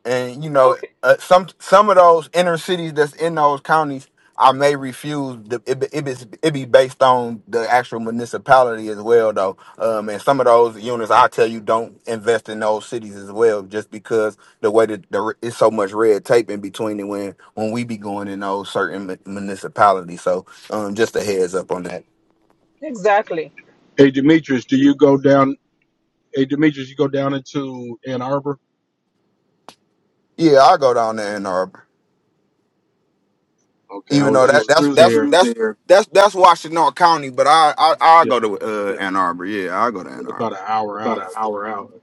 G: and you know, Okay. uh, some some of those inner cities that's in those counties, I may refuse. The, it, be- it, be, it be based on the actual municipality as well, though. Um, and some of those units, I tell you, don't invest in those cities as well, just because the way that there is so much red tape in between it when when we be going in those certain mu- municipalities. So, um, just a heads up on that.
B: exactly.
F: hey, Demetrius, do you go down? Hey, Demetrius, you go down into Ann Arbor?
G: Yeah, i go down there in Ann Arbor.
F: Okay, I
G: Even
F: was
G: though that
F: just
G: that's
F: through
G: that's
F: there.
G: that's that's that's Washington County, but I I I
F: Yeah,
G: go to uh, Ann Arbor. Yeah, I go to Ann
F: about
G: Arbor.
F: an hour
G: About
F: out.
G: an hour out.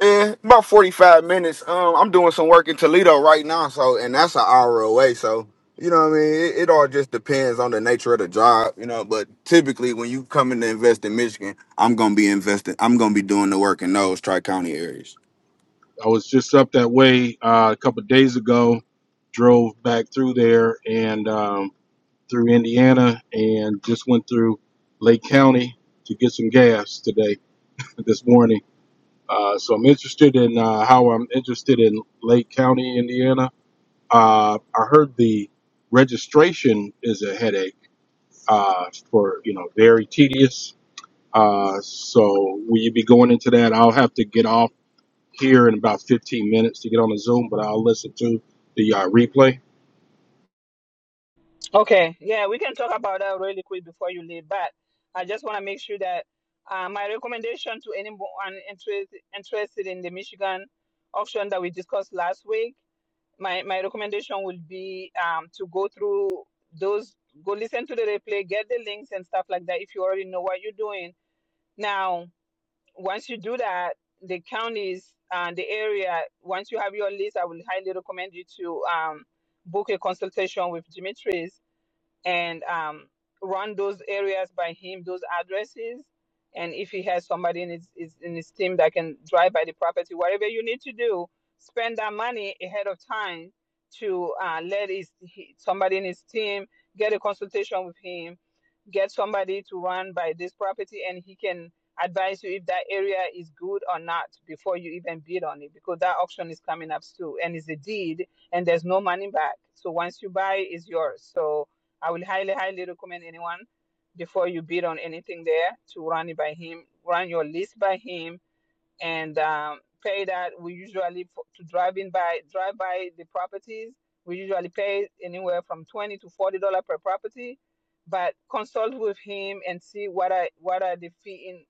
G: Yeah, about forty five minutes. Um, I'm doing some work in Toledo right now, so and that's an hour away. So you know, what I mean, it, it all just depends on the nature of the job, you know. But typically, when you come in to invest in Michigan, I'm gonna be investing. I'm gonna be doing the work in those tri county areas.
F: I was just up that way uh, a couple of days ago. Drove back through there, and um, through Indiana and just went through Lake County to get some gas today, this morning. Uh, so I'm interested in uh, how I'm interested in Lake County, Indiana. Uh, I heard the registration is a headache uh, for, you know, very tedious. Uh, so will you be going into that? I'll have to get off here in about 15 minutes to get on the Zoom, but I'll listen to the uh, replay.
B: Okay, yeah, we can talk about that really quick before you leave, but I just want to make sure that uh, my recommendation to anyone interested interested in the Michigan option that we discussed last week, my, my recommendation would be um, to go through those, go listen to the replay, get the links and stuff like that if you already know what you're doing Now, once you do that, the counties and the area, once you have your list, I will highly recommend you to um, book a consultation with Dimitris and um, run those areas by him, those addresses. And if he has somebody in his, his in his team that can drive by the property, whatever you need to do, spend that money ahead of time to uh, let his he, somebody in his team get a consultation with him, get somebody to run by this property, and he can advise you if that area is good or not before you even bid on it because that auction is coming up soon and it's a deed and there's no money back. So once you buy, it's yours. So I will highly, highly recommend anyone before you bid on anything there to run it by him, run your list by him, and um, pay that we usually for, to drive in by drive by the properties we usually pay anywhere from 20 to 40 dollar per property but consult with him and see what are what are the fee in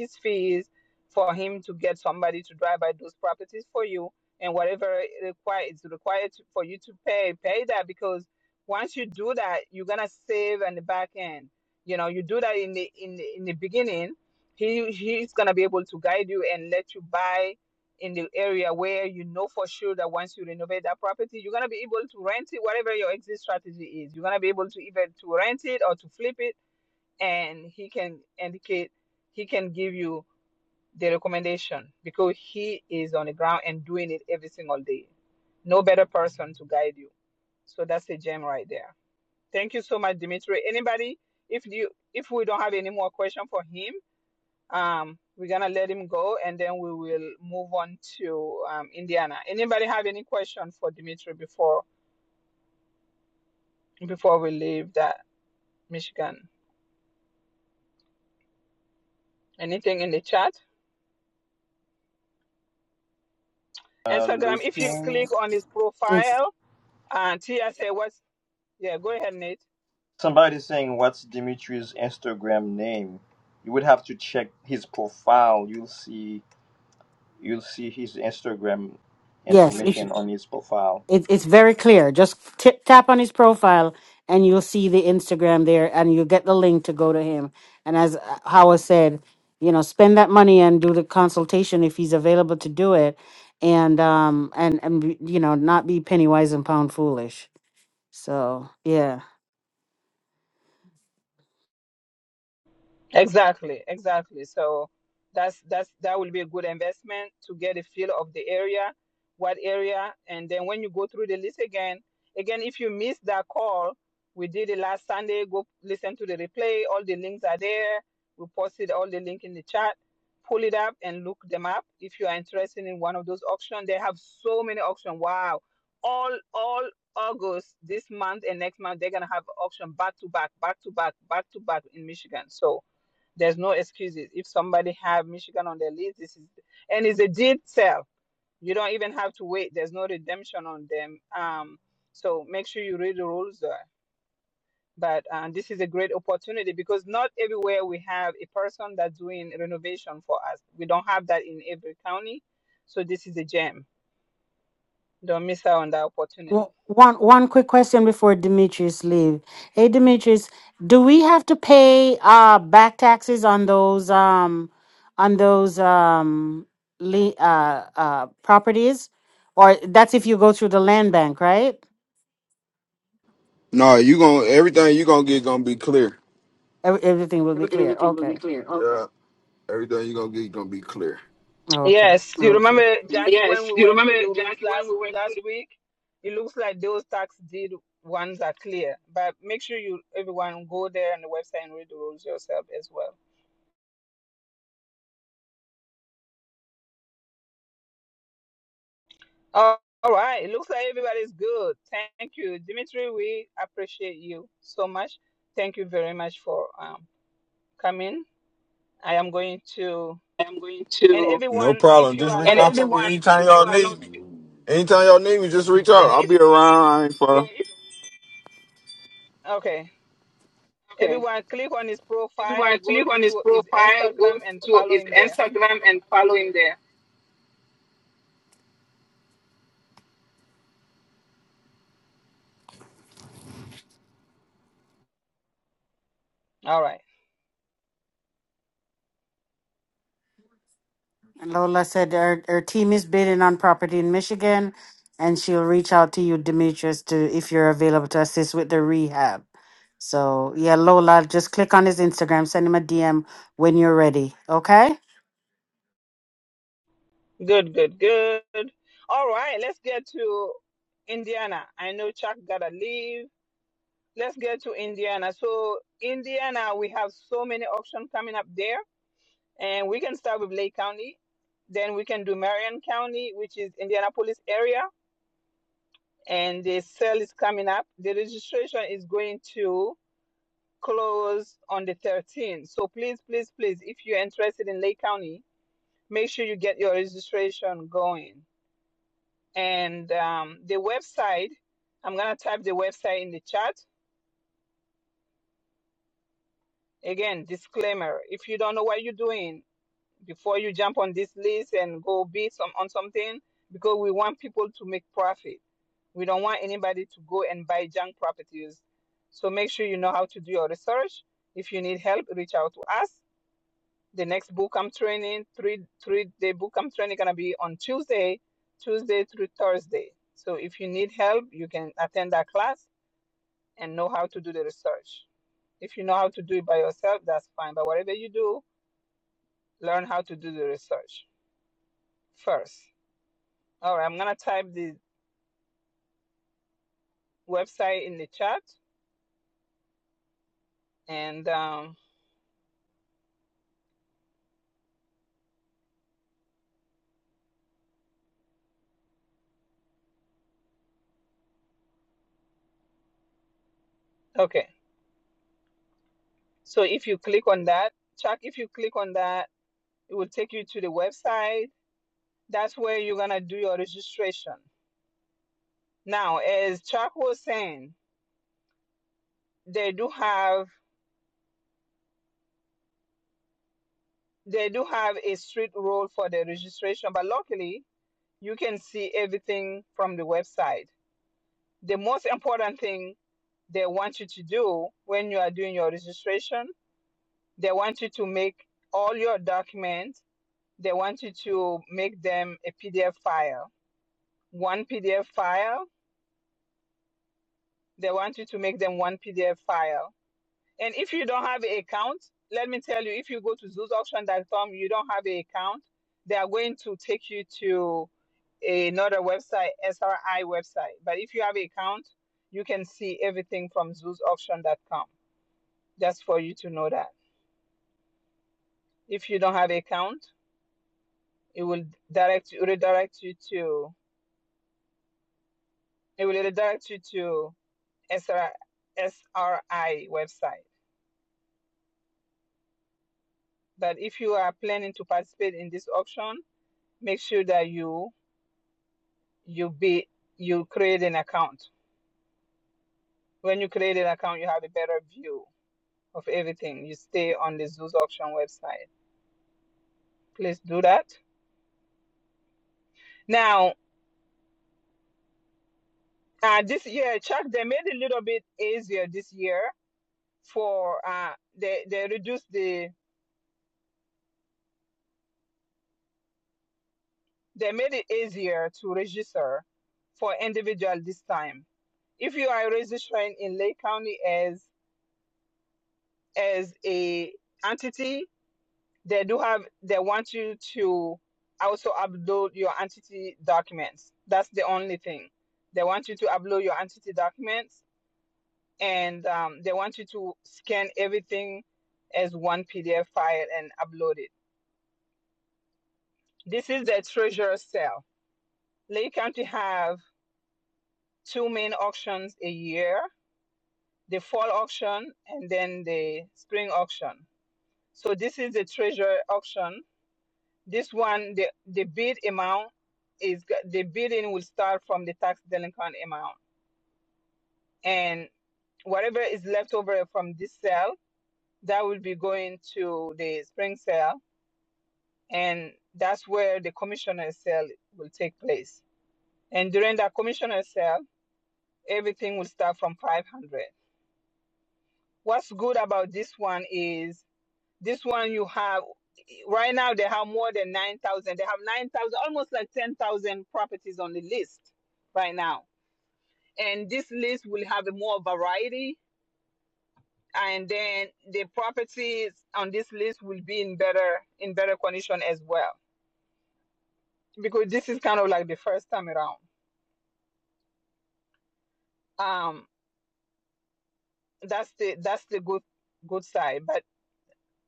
B: his fees for him to get somebody to drive by those properties for you and whatever it require it's required to, for you to pay pay that because once you do that you're gonna save on the back end you know you do that in the in the, in the beginning he he's gonna be able to guide you and let you buy in the area where you know for sure that once you renovate that property, you're gonna be able to rent it, whatever your exit strategy is. You're gonna be able to either to rent it or to flip it, and he can indicate he can give you the recommendation because he is on the ground and doing it every single day. No better person to guide you. So that's a gem right there. Thank you so much, Dimitri. Anybody, if you if we don't have any more question for him, um, we're gonna let him go, and then we will move on to um, Indiana. Anybody have any question for Dimitri before before we leave that Michigan? Anything in the chat?
I: Uh,
B: Instagram. If you
I: looking.
B: click on his
D: It's
B: profile, and Tia say what's yeah. Go ahead, Nate.
I: Somebody saying what's Dimitri's Instagram name? You would have to check his profile. You'll see. You'll see his Instagram
D: yes. If
I: information on his profile.
D: It, it's very clear. Just tip, tap on his profile and you'll see the Instagram there and you'll get the link to go to him. And as uh, Howard said, you know, spend that money and do the consultation if he's available to do it and um and and be- you know, not be penny wise and pound foolish. So, yeah.
B: Exactly, exactly. So that's that's that will be a good investment to get a feel of the area, what area, and then when you go through the list again, again, if you missed that call, we did it last Sunday. Go listen to the replay. All the links are there. We posted all the link in the chat. Pull it up and look them up if you are interested in one of those auctions. They have so many auctions. Wow, all all August this month and next month they're gonna have auction back to back, back to back, back to back in Michigan. So there's no excuses. If somebody have Michigan on their list, this is and it's a deed sale. You don't even have to wait. There's no redemption on them. Um, so make sure you read the rules there. But uh, this is a great opportunity because not everywhere we have a person that's doing renovation for us. We don't have that in every county. So this is a gem. Don't miss out on that opportunity.
D: Wo- One one quick question before Demetrius leave. Hey Demetrius, do we have to pay uh back taxes on those um on those um le- uh uh properties? Or that's if you go through the land bank, right?
G: No, you gonna everything you gonna get gonna be clear.
D: Ev- Everything will be clear. Okay.
G: Yeah, everything you gonna get gonna be clear.
D: Okay.
B: Yes, you
D: Thank you.
B: remember Jackie when we went through the rules last last week? It looks like those tax deed ones are clear, but make sure you everyone go there on the website and read the rules yourself as well. Oh, all right, it looks like everybody's good. Thank you, Dimitri. We appreciate you so much. Thank you very much for um, coming. I am going to
G: I'm going
B: and
G: to, No
B: everyone,
G: problem.
B: if you
G: Just
B: are
G: reach and
B: not
G: out to me
B: fe-
G: everyone, anytime y'all everyone knows. need knows me. Anytime y'all need me, just reach
B: yeah,
G: out. I'll
B: if
G: be around. I ain't Yeah, far. yeah, it's
B: okay,
G: okay.
B: everyone click on his profile,
G: Everyone,
B: go
G: click on his
B: to his
G: profile, go
B: Instagram and
G: to
B: follow
G: his
B: him there
G: Instagram, and follow him there.
B: All right.
D: And Lola said her, her team is bidding on property in Michigan, and she'll reach out to you, Demetrius, to if you're available to assist with the rehab. So yeah, Lola, just click on his Instagram, send him a DM when you're ready. Okay.
B: Good, good, good. All right, let's get to Indiana. I know Chuck gotta leave. Let's get to Indiana. So Indiana, we have so many options coming up there, and we can start with Lake County. Then we can do Marion County, which is Indianapolis area, and the sale is coming up. The registration is going to close on the 13th. So please, please, please, if you're interested in Lake County, make sure you get your registration going. And um, the website, I'm going to type the website in the chat. Again, disclaimer if you don't know what you're doing before you jump on this list and go bid some, on something, because we want people to make profit. We don't want anybody to go and buy junk properties. So make sure you know how to do your research. If you need help, reach out to us. The next book I'm training, three three day book I'm training, gonna be on Tuesday, Tuesday through Thursday. So if you need help, you can attend that class and know how to do the research. If you know how to do it by yourself, that's fine. But whatever you do, learn how to do the research first. All right, I'm gonna type the website in the chat. And um, okay, so if you click on that, Chuck, if you click on that, it will take you to the website. That's where you're gonna do your registration. Now, as Chuck was saying, they do have they do have a strict rule for the registration, but luckily you can see everything from the website the most important thing they want you to do when you are doing your registration, they want you to make all your documents, they want you to make them a PDF file. One PDF file, they want you to make them one PDF file. And if you don't have an account, let me tell you, if you go to zoos auction dot com, you don't have an account, they are going to take you to another website, SRI website. But if you have an account, you can see everything from zoos auction dot com. Just for you to know that. If you don't have account, it will direct it will redirect you to it will redirect you to SRI, website. But if you are planning to participate in this auction, make sure that you you be you create an account. When you create an account, you have a better view of everything. You stay on the Zoos auction website. Please do that. Now, uh, this year, Chuck, they made it a little bit easier this year for uh, they they reduced the they made it easier to register for individual this time. If you are registering in Lake County as as a entity, they do have they want you to also upload your entity documents. That's the only thing they want you to upload your entity documents and um, they want you to scan everything as one PDF file and upload it. This is the treasure cell Lake County have two main auctions a year, the fall auction and then the spring auction. So this is the treasure auction. This one, the, the bid amount is, the bidding will start from the tax delinquent amount. And whatever is left over from this sale, that will be going to the spring sale. And that's where the commissioner sale will take place. And during that commissioner sale, everything will start from 500. what's good about this one is this one you have right now they have more than 9000 they have 9000 almost like 10000 properties on the list right now and this list will have a more variety and then the properties on this list will be in better in better condition as well because this is kind of like the first time around um that's the that's the good good side but.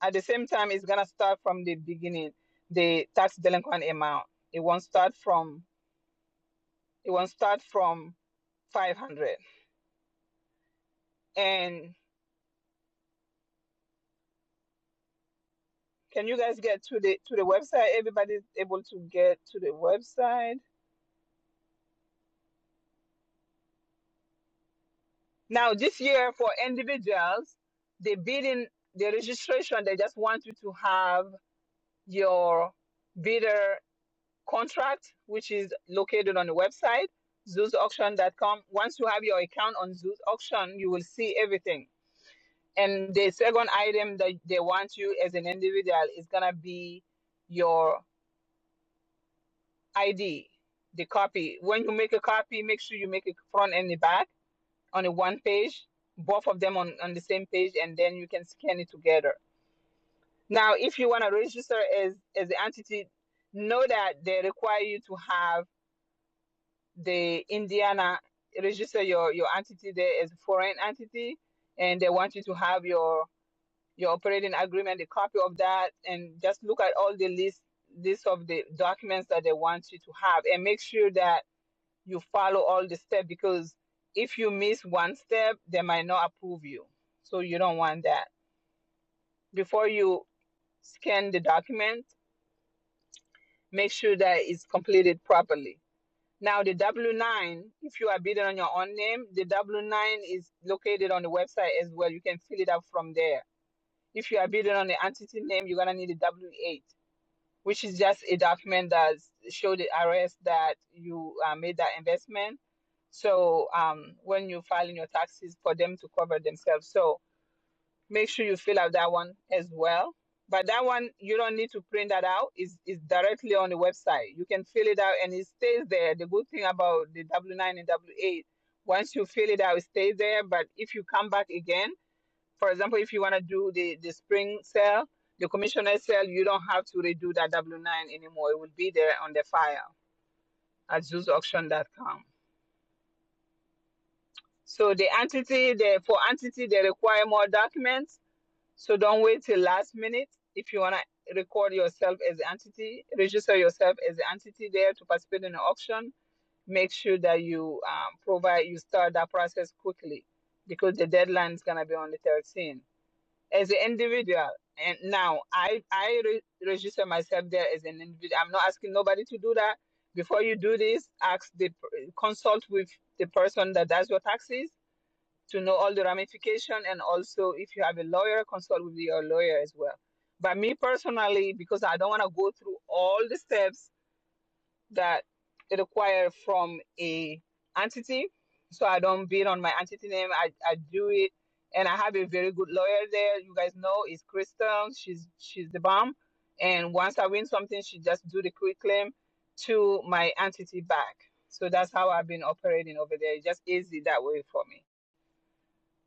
B: At the same time, it's gonna start from the beginning, the tax delinquent amount. It won't start from it won't start from five hundred. And can you guys get to the to the website? Everybody's able to get to the website. Now this year for individuals, the bidding the registration, they just want you to have your bidder contract, which is located on the website, ZeusAuction.com. Once you have your account on Zeus Auction, you will see everything. And the second item that they want you as an individual is gonna be your ID, the copy. When you make a copy, make sure you make it front and the back on a one page, both of them on, on the same page, and then you can scan it together. Now, if you wanna register as as an entity, know that they require you to have the Indiana register your your entity there as a foreign entity, and they want you to have your your operating agreement, a copy of that, and just look at all the list list of the documents that they want you to have and make sure that you follow all the steps because if you miss one step, they might not approve you. So you don't want that. Before you scan the document, make sure that it's completed properly. Now the W nine, if you are bidding on your own name, the W nine is located on the website as well. You can fill it up from there. If you are bidding on the entity name, you're gonna need a W eight which is just a document that shows the IRS that you uh, made that investment. So um, when you're filing your taxes for them to cover themselves, so make sure you fill out that one as well. But that one you don't need to print that out; is is directly on the website. You can fill it out and it stays there. The good thing about the W nine and W eight, once you fill it out, it stays there. But if you come back again for example, if you want to do the, the spring sale, the commissioner sale, you don't have to redo that W-9 anymore. It will be there on the file at zoos Auction dot com. So the entity, the, for entity, they require more documents. So don't wait till last minute. If you want to record yourself as an entity, register yourself as an entity there to participate in the auction. Make sure that you um, provide, you start that process quickly because the deadline is going to be on the 13th. as an individual. And now I I re- register myself there as an individual. I'm not asking nobody to do that. Before you do this, ask the consult with the person that does your taxes to know all the ramification. And also, if you have a lawyer, consult with your lawyer as well. But me personally, because I don't want to go through all the steps that it require from a entity. So I don't bid on my entity name. I, I do it and I have a very good lawyer there. You guys know it's Kristen. She's she's the bomb. And once I win something, she just do the quick claim to my entity back. So that's how I've been operating over there. It's just easy that way for me.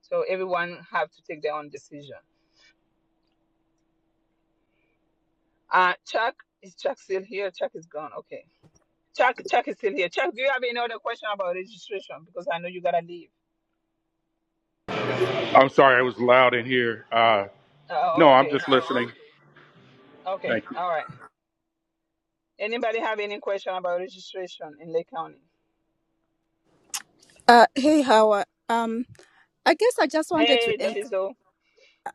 B: So everyone have to take their own decision. Uh Chuck, is Chuck still here? Chuck is gone. Okay. Chuck, Chuck is still here. Chuck, do you have any other question about registration? Because I know you gotta leave.
F: I'm sorry, I was loud in here. Uh,
B: Uh,
F: no, I'm
B: okay,
F: just listening.
B: okay,
F: Thank you.
B: all right. Anybody have any question about registration in Lake County?
E: Uh. Hey, Hawa. Um. I guess I just wanted to.
B: Hey,
E: En-
B: Daviso.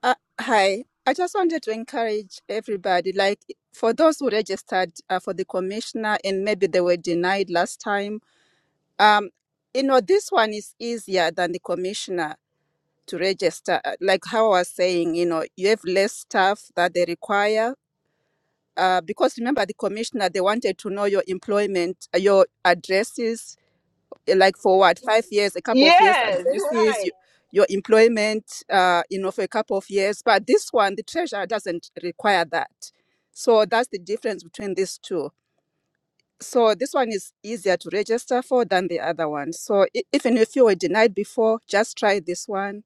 E: uh, hi. I just wanted to encourage everybody, like for those who registered uh, for the commissioner and maybe they were denied last time. Um. You know, this one is easier than the commissioner to register. Uh, Like how I was saying, you know, you have less staff that they require uh, because remember the commissioner they wanted to know your employment uh, your addresses uh, like for what five years a couple of years
B: Yes, you're
E: addresses
B: right.
E: you, your employment uh, you know for a couple of years but this one the treasurer doesn't require that so that's the difference between these two so this one is easier to register for than the other one so i- even if you were denied before just try this one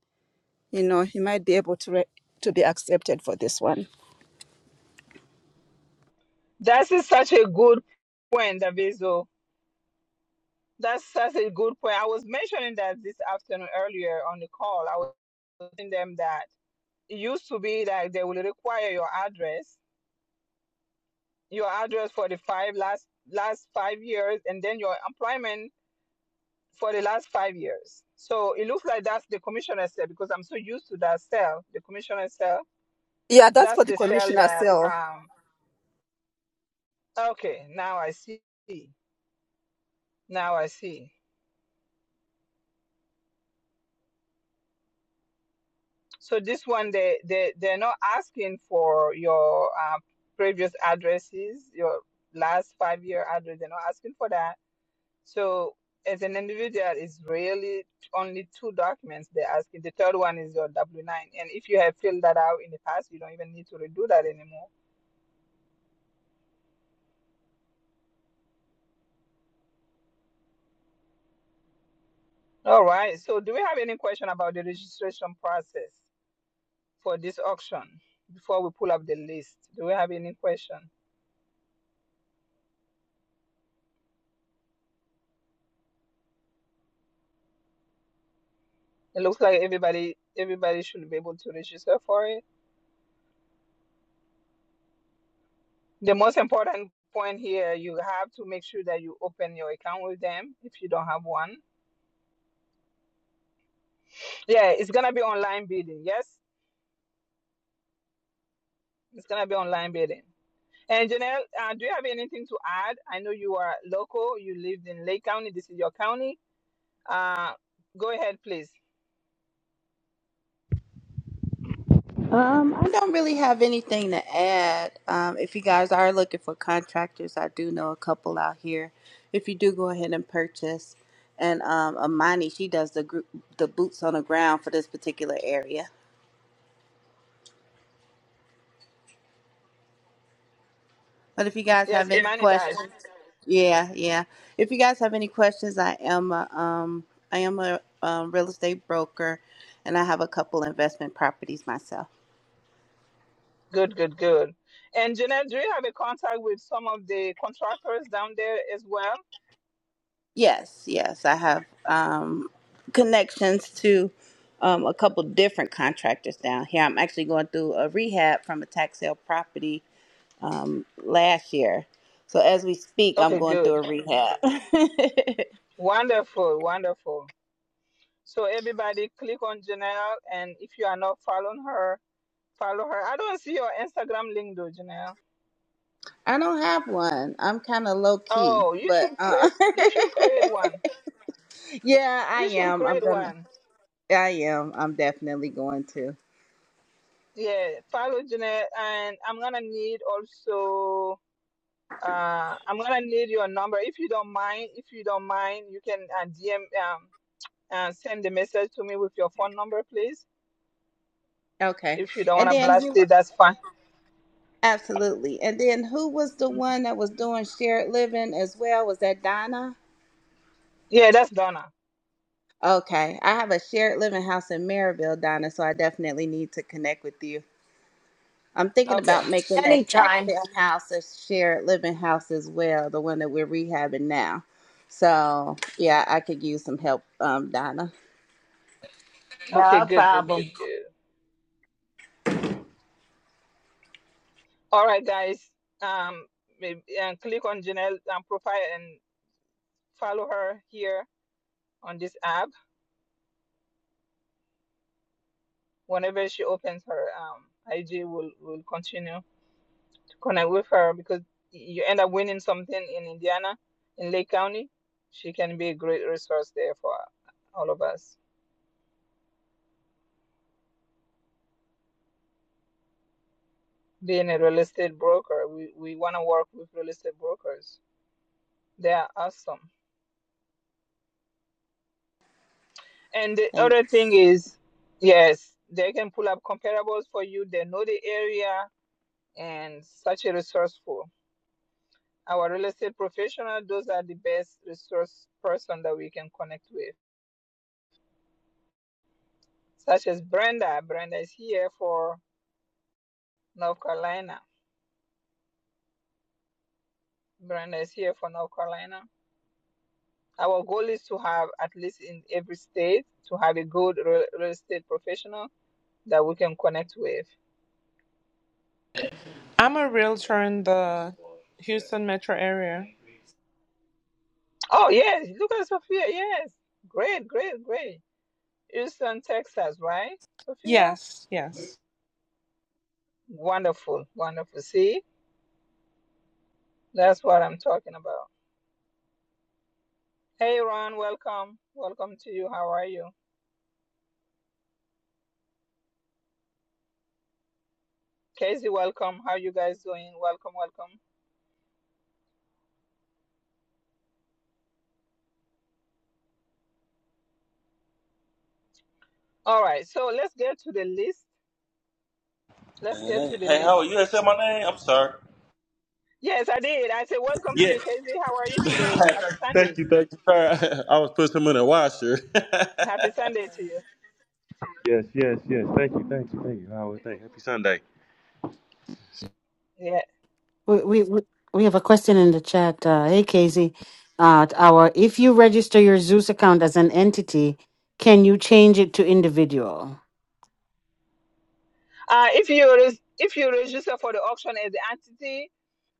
E: you know you might be able to re- to be accepted for this one
B: That is such a good point, Daviso. That's such a good point. I was mentioning that this afternoon earlier on the call. I was telling them that it used to be that they will require your address, your address for the five last last five years, and then your employment for the last five years. So it looks like that's the commissioner cell because I'm so used to that cell, the commissioner cell.
E: yeah that's
B: That's
E: for the
B: the cell
E: commissioner
B: that
E: cell.
B: um okay, now I see. Now I see. So this one they they they're not asking for your uh, previous addresses, your last five year address, they're not asking for that. So as an individual it's really only two documents they're asking. The third one is your W nine. And if you have filled that out in the past, you don't even need to redo that anymore All right. So do we have any question about the registration process for this auction before we pull up the list? Do we have any question? It looks like everybody everybody should be able to register for it. The most important point here, you have to make sure that you open your account with them if you don't have one. Yeah, it's gonna be online bidding. Yes, it's gonna be online bidding. And Janelle, uh, do you have anything to add? I know you are local. You lived in Lake County. This is your county. Uh, go ahead, please.
H: Um, I don't really have anything to add. Um, if you guys are looking for contractors, I do know a couple out here. If you do go ahead and purchase, and um, Amani, she does the group, the boots on the ground for this particular area. But if you guys
B: Yes,
H: have any Yeah.
B: Imani does.
H: questions, yeah, yeah. If you guys have any questions, I am a, um, I am a um, real estate broker, and I have a couple investment properties myself.
B: Good, good, good. And Jeanette, do you have a contact with some of the contractors down there as well?
H: Yes, yes, I have um, connections to um, a couple different contractors down here. I'm actually going through a rehab from a tax sale property um, last year. So as we speak, I'm
B: Okay,
H: going through
B: good.
H: a rehab.
B: Wonderful, wonderful. So everybody click on Janelle and if you are not following her, follow her. I don't see your Instagram link though, Janelle.
H: I don't have one. I'm kind of low key,
B: Oh, you
H: but
B: should
H: uh,
B: create you should create one.
H: yeah, I
B: You should
H: am. I'm
B: create
H: gonna.
B: one.
H: I am. I'm definitely going to.
B: Yeah, follow Janelle and I'm gonna need also uh, I'm gonna need your number if you don't mind. If you don't mind, you can uh, DM. and send the message to me with your phone number, please.
H: Okay,
B: If you don't want
H: and
B: to
H: then
B: blast
H: you
B: it, that's fine.
H: Absolutely. And then who was the one that was doing shared living as well? Was that Donna?
B: Yeah, that's Donna.
H: Okay. I have a shared living house in Maryville, Donna, so I definitely need to connect with you. I'm thinking about
B: Okay.
H: making that tax
A: Anytime.
H: sale house a shared living house as well, the one that we're rehabbing now. So, yeah, I could use some help, um, Donna.
B: Okay,
A: No
B: good, good, good,
A: problem.
B: good. All right, guys. Um, maybe, and click on Janelle's um, profile and follow her here on this app. Whenever she opens her um, IG, we will we will continue to connect with her because you end up winning something in Indiana, in Lake County. She can be a great resource there for all of us. being a real estate broker. We we want to work with real estate brokers. They are awesome. And the other
H: Thanks.
B: thing is, yes, they can pull up comparables for you. They know the area and such a resourceful. Our real estate professional, those are the best resource person that we can connect with, such as Brenda. Brenda is here for North Carolina. Brenda is here for North Carolina. Our goal is to have at least in every state to have a good real estate professional that we can connect with.
J: I'm a realtor in the Houston metro area.
B: Oh, yes, look at Sophia. Yes, great, great, great. Houston, Texas, right, Sophia?
J: Yes, yes.
B: Wonderful, wonderful. See, that's what I'm talking about. Hey, Ron, welcome. Welcome to you. How are you? Casey, welcome. How you guys doing? Welcome, welcome. All right, so let's get to the list. Let's get
K: Hey,
B: to the
K: hey, how
B: list.
K: are you? You ain't said my name. I'm sorry.
B: Yes, I did. I said, welcome to
K: Yeah.
B: you, Casey. How are you today? Happy
K: thank
B: Sunday.
K: you, thank you. Sorry, I was putting him in a washer. yes,
B: Happy Sunday to
K: yes, yes. Thank you,
B: you.
K: thank you, thank you. Howard, thank you. Happy Sunday.
B: yeah.
D: We we we we have a question in the chat. Uh, hey, Casey, uh, our if you register your Zeus account as an entity, can you change it to individual?
B: Uh, if you res- if you register for the auction as the entity,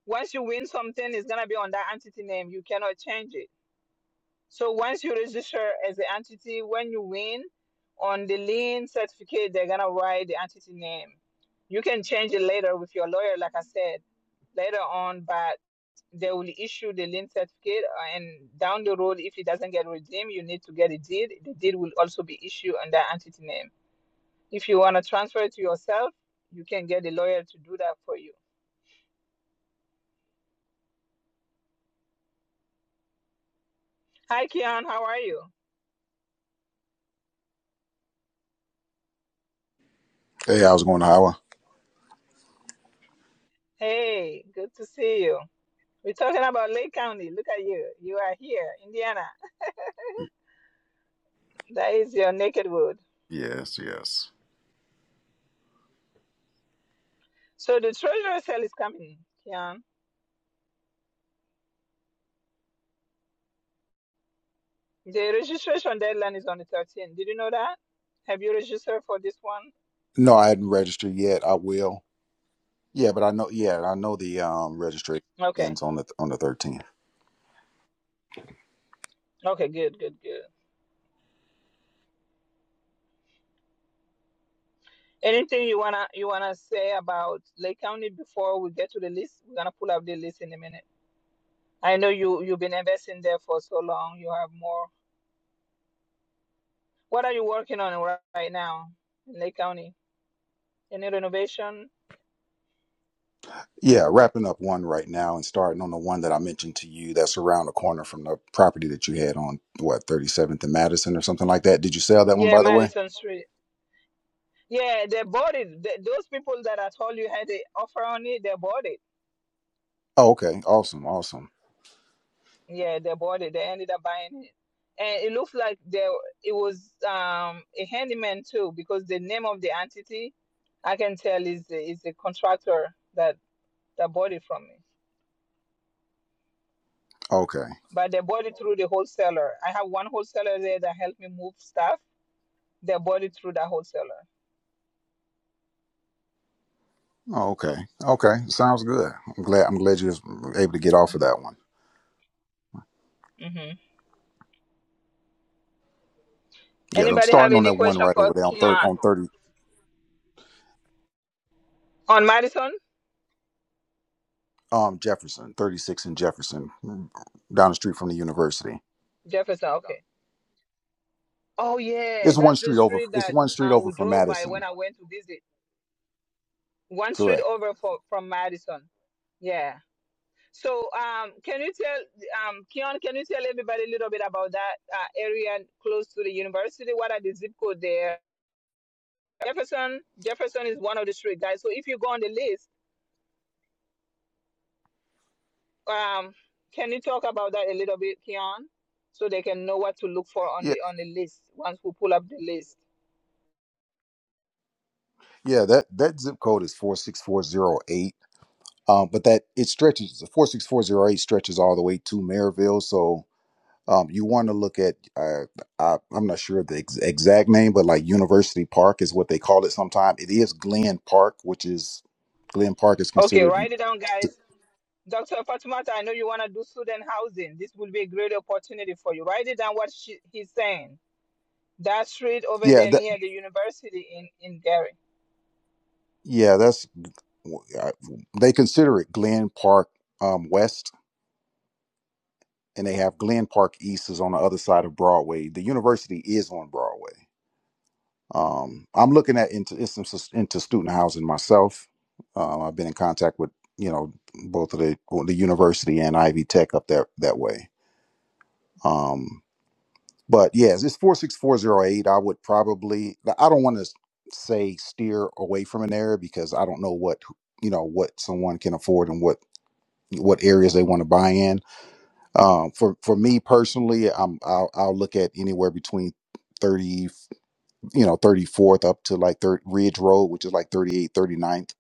B: once you win something, it's gonna be on that entity name. You cannot change it. So once you register as the entity, when you win on the lien certificate, they're gonna write the entity name. You can change it later with your lawyer, like I said later on, but they will issue the lien certificate. uh, And down the road, if it doesn't get redeemed, you need to get a deed. The deed will also be issued on that entity name. If you want to transfer it to yourself, you can get a lawyer to do that for you. Hi, Keon. How are you?
L: Hey, I was going to Iowa.
B: Hey, good to see you. We're talking about Lake County. Look at you. You are here, Indiana. That is your naked wood.
L: Yes, yes.
B: So the treasurer sale is coming, Keon. The registration deadline is on the 13th. Did you know that? Have you registered for this one?
L: No, I hadn't registered yet. I will. Yeah, but I know. Yeah, I know the um, registration
B: Okay.
L: ends on the on the thirteenth.
B: Okay. Good. Good. Good. Anything you wanna you wanna say about Lake County before we get to the list? We're gonna pull up the list in a minute. I know you you've been investing there for so long. You have more. What are you working on ri- right now in Lake County? Any renovation?
L: Yeah, wrapping up one right now and starting on the one that I mentioned to you. That's around the corner from the property that you had on what thirty seventh and Madison or something like that. Did you sell that one
B: Yeah,
L: by the way?
B: Madison Street. Yeah, they bought it. Th- those people that I told you had the offer on it, they bought it.
L: Oh, okay. Awesome. Awesome.
B: Yeah, they bought it. They ended up buying it, and it looked like they it was um a handyman too because the name of the entity I can tell is the, is the contractor that that bought it from me.
L: Okay.
B: but they bought it through the wholesaler. I have one wholesaler there that helped me move stuff. They bought it through that wholesaler.
L: Oh, okay. Okay. Sounds good. I'm glad. I'm glad you was able to get off of that one.
B: hmm
L: Yeah, I'm
B: Anybody have
L: starting on
B: any
L: that one
B: question
L: right
B: for
L: over there on third
B: Keon
L: on thirty.
B: on Madison
L: um Jefferson, 36 and Jefferson, mm, down the street from the university.
B: Jefferson? Okay. Oh yeah,
L: It's one
B: that's the
L: street over.
B: street
L: It's
B: that
L: one street
B: uh,
L: over
B: we
L: from
B: drove by
L: Madison.
B: when I went to visit. One street
L: Correct.
B: over for, from Madison. Yeah. So um, can you tell um, Keon? Can you tell everybody a little bit about that uh, area close to the university? What are the zip code there? Jefferson. Jefferson is one of the street guys. So if you go on the list Um, can you talk about that a little bit, Keon, so they can know what to look for on
L: Yeah,
B: the on the list once we pull up the list?
L: yeah. That that zip code is four six four zero eight. Um, but that it stretches four six four zero eight stretches all the way to Maryville. So um, you want to look at uh, I, I'm not sure of the ex- exact name, but like University Park is what they call it. Sometimes it is Glen Park, which is Glen Park is
B: Okay,
L: considered.
B: write it down, guys. Dr. Fatimata, I know you want to do student housing. This will be a great opportunity for you. Write it down what she, he's saying. That street over
L: Yeah,
B: there
L: that,
B: near the university in, in Gary.
L: yeah. That's I- they consider it Glen Park um, West, and they have Glen Park East is on the other side of Broadway. The university is on Broadway. Um, I'm looking at into instances into student housing myself. Um, I've been in contact with you know both of the well, the university and Ivy Tech up that that way. Um, but yes, it's four six four zero eight. I would probably I don't want to say steer away from an area because I don't know what you know what someone can afford and what what areas they want to buy in Um, for for me personally, I'm I'll, I'll look at anywhere between 30, you know, 34th up to like third Ridge Road, which is like 38, ninth,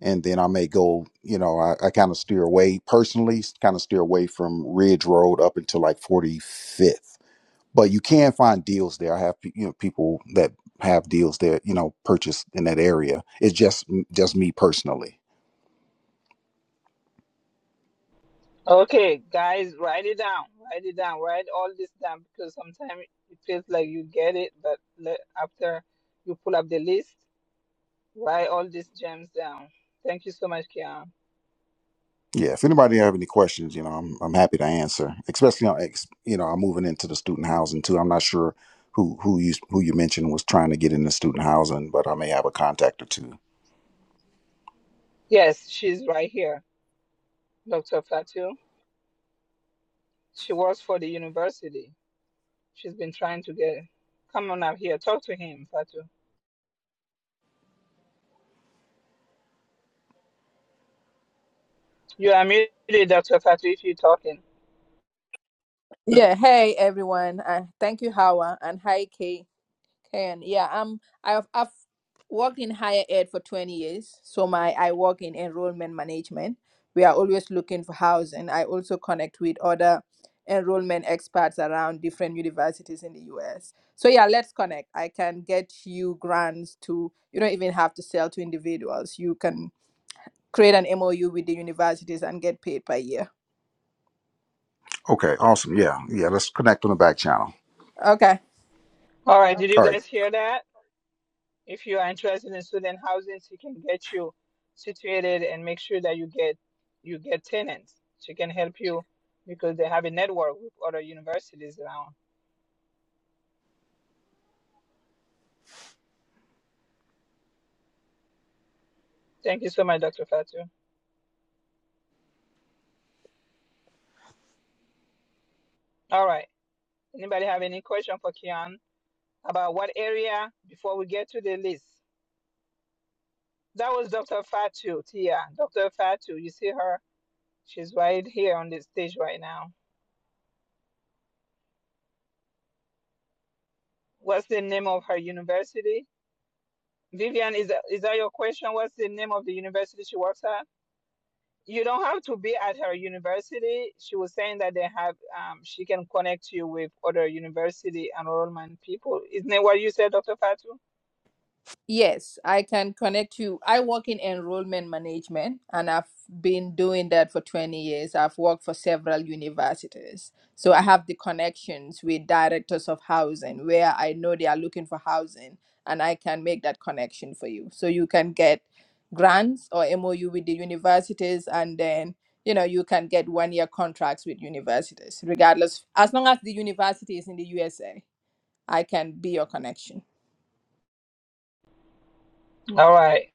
L: And then I may go, you know, I, I kind of steer away personally, kind of steer away from Ridge Road up until like 45th. But you can find deals there. I have, pe- you know, people that have deals that, you know, purchase in that area. It's just, just me personally.
B: Okay, guys, write it down. Write it down. Write all this down because sometimes it feels like you get it, but le- after you pull up the list, Write all these gems down. Thank you so much, Kian.
L: Yeah, if anybody have any questions, you know, I'm I'm happy to answer. Especially on, ex- you know, I'm moving into the student housing too. I'm not sure who who you who you mentioned was trying to get into student housing, but I may have a contact or two.
B: Yes, she's right here, Dr. Fatu. She works for the university. She's been trying to get. Come on up here. Talk to him, Fatu. You are muted, Dr. Fatu, if you're talking.
M: Yeah, hey everyone. Uh, thank you, Hawa, and hi Kay. Ken. Yeah, um, I've I've worked in higher ed for twenty years, so my I work in enrollment management. We are always looking for housing. I also connect with other enrollment experts around different universities in the U.S. So yeah, let's connect. I can get you grants to. You don't even have to sell to individuals. You can create an MOU with the universities and get paid per year.
L: Okay, awesome. Yeah, yeah. Let's connect on the back channel.
M: Okay.
B: All right, did you
L: All right.
B: guys hear that? If you are interested in student housing, she can get you situated and make sure that you get you get tenants. She can help you because they have a network with other universities around. Thank you so much, Dr. Fatu. All right. Anybody have any question for Kian about what area before we get to the list? That was Dr. Fatu, Tia. Dr. Fatu, you see her? She's right here on the stage right now. What's the name of her university? Vivian, is that, is that your question? What's the name of the university she works at? You don't have to be at her university. She was saying that they have, um, she can connect you with other university enrollment people. Isn't that what you said, Dr. Fatu?
M: Yes, I can connect you. I work in enrollment management and I've been doing that for 20 years. I've worked for several universities. So I have the connections with directors of housing where I know they are looking for housing and I can make that connection for you. So you can get grants or MOU with the universities and then you know you can get one year contracts with universities regardless as long as the university is in the USA. I can be your connection.
B: All right.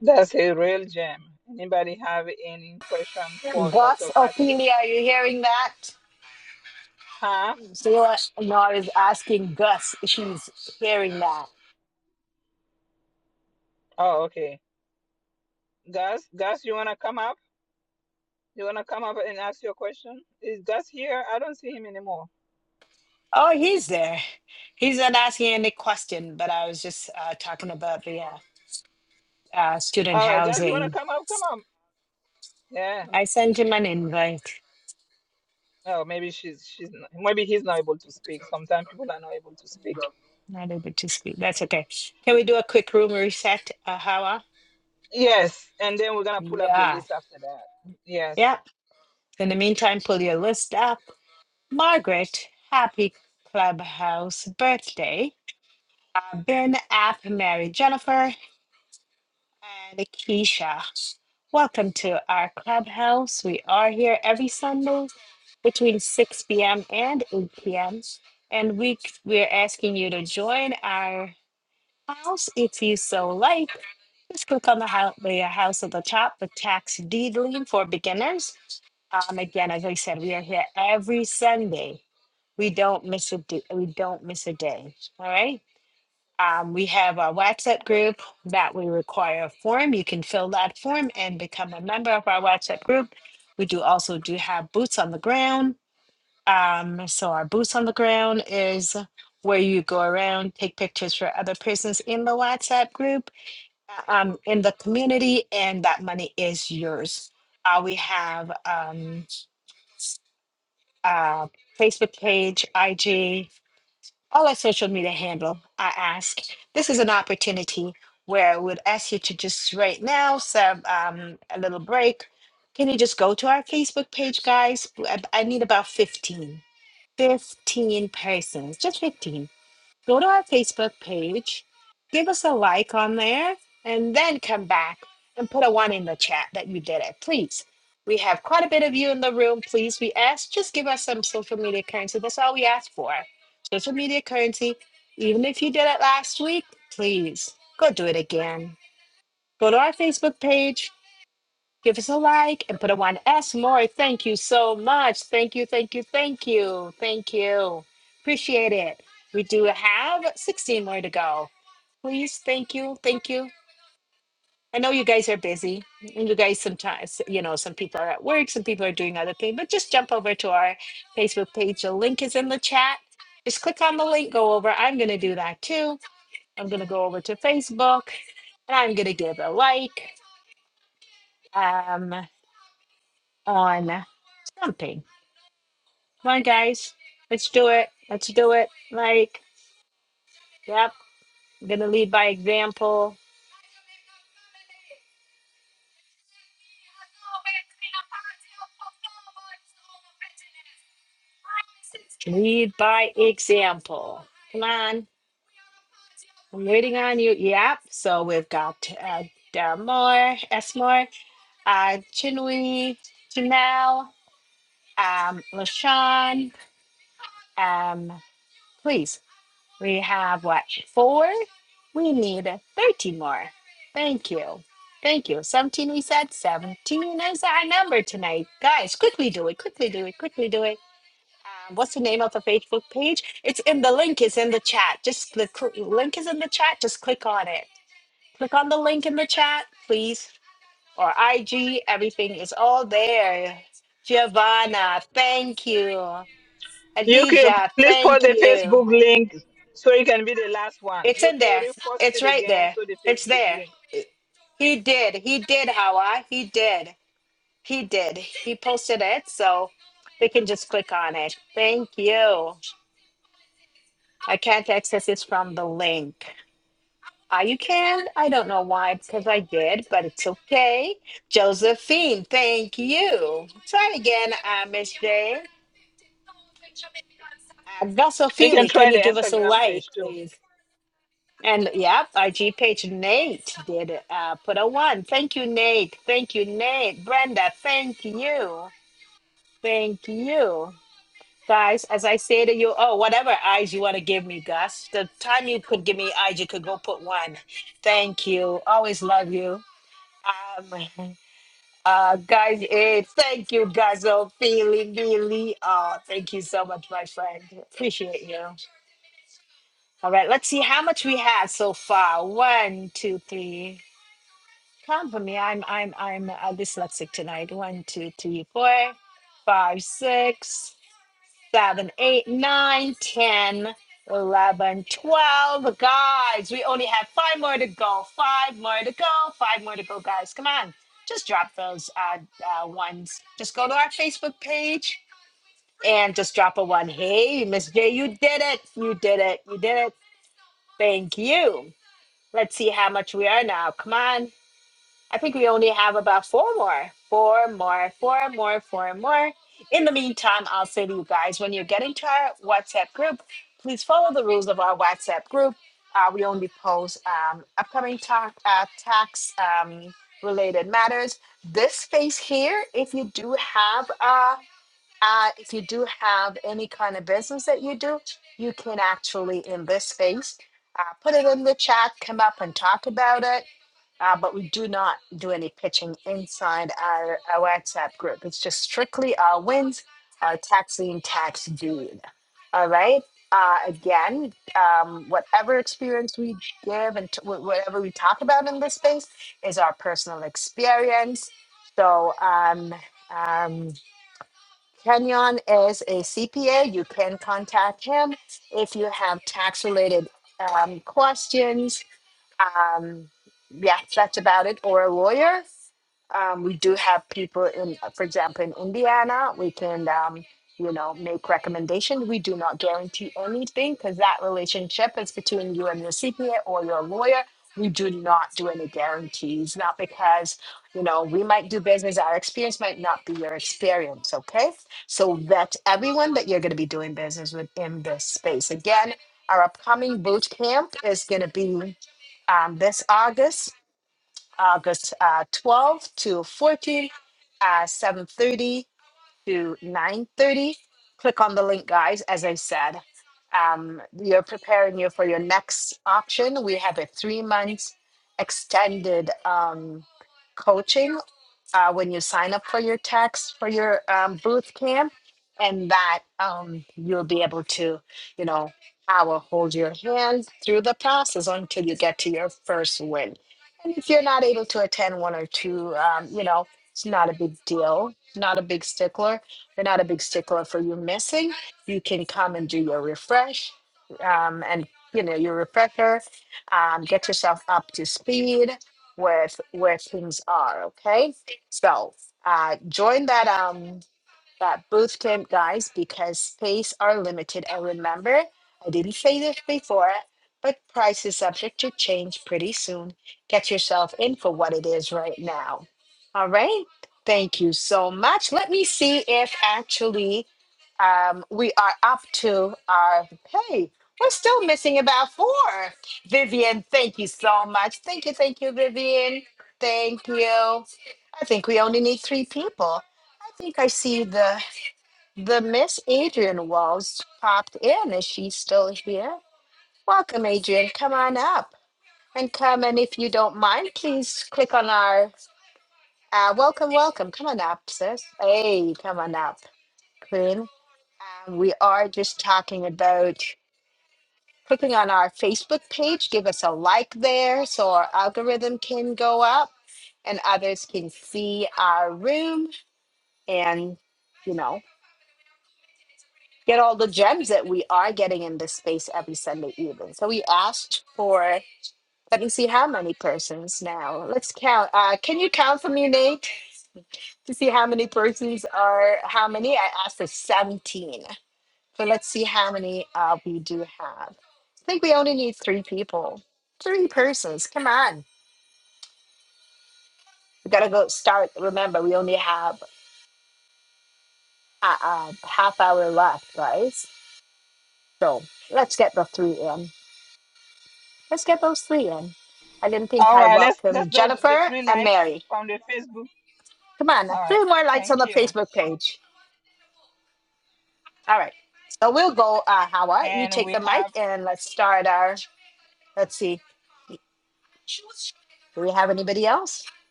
B: That's a real gem. Anybody have any question for Dr.
A: Gus
B: Fatu?
A: Ophelia, are you hearing that?
B: Huh?
A: Sarah Nor is asking Gus if she's hearing that.
B: Oh, okay. Gus, Gus, you wanna come up? You wanna come up and ask your question? Is Gus here? I don't see him anymore.
A: Oh, he's there. He's not asking any question, but I was just uh, talking about the uh, uh, student
B: All right, Gus, you wanna
A: housing.
B: come up? Come on. Yeah.
A: I sent him an invite.
B: Oh, maybe she's she's not, maybe he's not able to speak. Sometimes people are not able to speak.
A: Not able to speak. That's okay. Can we do a quick room reset, uh, Hawa?
B: Yes, and then we're gonna pull up the
A: Yeah.
B: list after that. Yes.
A: Yeah. In the meantime, pull your list up. Margaret, happy clubhouse birthday. Uh, ben, App, Mary, Jennifer, and Keisha. Welcome to our clubhouse. We are here every Sunday between 6 p.m. and 8 p.m. And we we're asking you to join our house if you so like. Just click on the house, the house at the top, the tax deedling for beginners. Um, again, as I said, we are here every Sunday. we don't miss a d- we don't miss a day all right um, we have our whatsapp group that we require a form you can fill that form and become a member of our whatsapp group we do also do have boots on the ground um, so our boots on the ground is where you go around take pictures for other persons in the whatsapp group um, in the community and that money is yours uh, we have um, uh, facebook page ig all our social media handle I ask this is an opportunity where i would ask you to just right now some um, a little break can you just go to our facebook page guys i, I need about 15 15 persons just 15 go to our Facebook page, give us a like on there, and then come back and put a one in the chat that you did it, please. We have quite a bit of you in the room, please. We ask just give us some social media currency. That's all we ask for. Social media currency. Even if you did it last week, please go do it again. Go to our Facebook page, Give us a like and put a one S more. Thank you so much. Thank you, thank you, thank you, thank you. Appreciate it. We do have 16 more to go. Please, thank you, thank you. I know you guys are busy. and You guys sometimes, you know, some people are at work, some people are doing other things, but just jump over to our Facebook page. The link is in the chat. Just click on the link, go over. I'm going to do that too. I'm going to go over to Facebook and I'm going to give a like um, on something Come on, guys. Let's do it. Let's do it. Like, yep. I'm gonna lead by example. Lead by example. Come on. I'm waiting on you. Yep. So we've got uh, Dara Moore, S. Moore, uh, Chinwe, Janelle, um, LaShawn. Um, please We have what? Four? We need 13 more. Thank you. Thank you. 17, we said 17 is our number tonight. Guys, quickly do it. Quickly do it. Quickly do it. Um, what's the name of the Facebook page? It's in the link, is in the chat. Just the cl- link is in the chat. Just click on it. Click on the link in the chat, please. Or IG, everything is all there. Giovanna, thank you.
B: Yukio,
A: Adija,
B: please post
A: thank
B: the
A: you.
B: Facebook link so it can be the last one.
A: It's in
B: Yukio
A: there.
B: repost
A: It's
B: it
A: right
B: again
A: there.
B: so the
A: It's
B: Facebook
A: there.
B: link.
A: He did. He did, Hawa. He did. He did. He posted it, so we can just click on it. Thank you. I can't access this from the link. Ah, you can. I don't know why, because I did, but it's okay. Josephine, thank you. Try again, uh, Miss Jane. Uh, Gossel
B: You
A: Feely,
B: can
A: can
B: try the
A: you give us a
B: Instagram
A: like,
B: page too.
A: please? And yep, IG page Nate did uh, put a one. Thank you, Nate. Thank you, Nate. Brenda, thank you. Thank you. Guys, as I say to you, oh, whatever eyes you want to give me, Gus, the time you could give me eyes, you could go put one. Thank you. Always love you. Um, uh, guys, eh, thank you, guys. Oh, Feely, Billy. Oh, thank you so much, my friend. Appreciate you. All right, let's see how much we had so far. One, two, three. Count for me. I'm I'm I'm uh, dyslexic tonight. One, two, three, four, five, six, seven, eight, nine, ten, eleven, twelve. Guys, we only have five more to go. Five more to go. Five more to go, guys. Come on, just drop those uh, uh ones. Just go to our Facebook page and just drop a one. Hey, Miss J, you did it. You did it. You did it. Thank you. Let's see how much we are now. Come on. I think we only have about four more, four more, four more, four more. In the meantime, I'll say to you guys when you get into our WhatsApp group, please follow the rules of our WhatsApp group. Uh, we only post um, upcoming ta- uh, tax um, related matters. This space here, if you do have uh, uh, if you do have any kind of business that you do, you can actually in this space uh, put it in the chat, come up and talk about it uh, but we do not do any pitching inside our, our WhatsApp group. It's just strictly our wins, our tax lien, tax deed. All right. Uh, again, um, whatever experience we give and t- wh- whatever we talk about in this space is our personal experience. So, um, um, Kenyon is a CPA. You can contact him if you have tax related um, questions um, yes, that's about it. Or a lawyer. Um, we do have people in, for example, in Indiana, we can, um, you know, make recommendations. We do not guarantee anything because that relationship is between you and your CPA or your lawyer. We do not do any guarantees, not because, you know, we might do business, our experience might not be your experience, okay? So vet everyone that you're going to be doing business with in this space. Again, our upcoming boot camp is going to be um, this August, August uh, 12th to 14th, uh, 7.30 to 9.30. Click on the link, guys, as I said. Um, we are preparing you for your next option. We have a three months extended um, coaching uh, when you sign up for your tax for your um, booth camp, and that um, you'll be able to, you know, I will hold your hand through the process until you get to your first win. And if you're not able to attend one or two, um, you know, it's not a big deal. Not a big stickler. They're not a big stickler for you missing. You can come and do your refresh, um, and you know your refresher. Um, get yourself up to speed where th- where things are. Okay, so uh, join that um that booth camp, guys, because space are limited. And remember, I didn't say this before, but price is subject to change pretty soon. Get yourself in for what it is right now. All right. Thank you so much. Let me see if actually um, we are up to our hey we're still missing about four vivian thank you so much thank you thank you vivian thank you i think we only need three people i think i see the the miss adrian walls popped in is she still here welcome adrian come on up and come and if you don't mind please click on our uh, welcome welcome come on up sis hey come on up Queen. Um, we are just talking about clicking on our Facebook page. Give us a like there so our algorithm can go up and others can see our room and, you know, get all the gems that we are getting in this space every Sunday evening. So we asked for, let me see how many persons now. Let's count. Uh, can you count for me, Nate, to see how many persons are, how many? I asked for 17. So let's see how many uh, we do have. I think we only need three people, three persons. Come on, we gotta go start. Remember, we only have a, a half hour left, right? So let's get the three in. Let's get those three in. I didn't think
B: All
A: I
B: right, let's let's
A: welcomed
B: do the the
A: Jennifer
B: three
A: and
B: likes
A: Mary.
B: from the Facebook.
A: Come on,
B: All right,
A: three more likes on
B: thank
A: the
B: you.
A: Facebook page. All right, so we'll go. Uh, Hawa, you
B: And
A: take
B: we
A: the mic
B: have
A: and let's start our. Let's see. Do we have anybody else?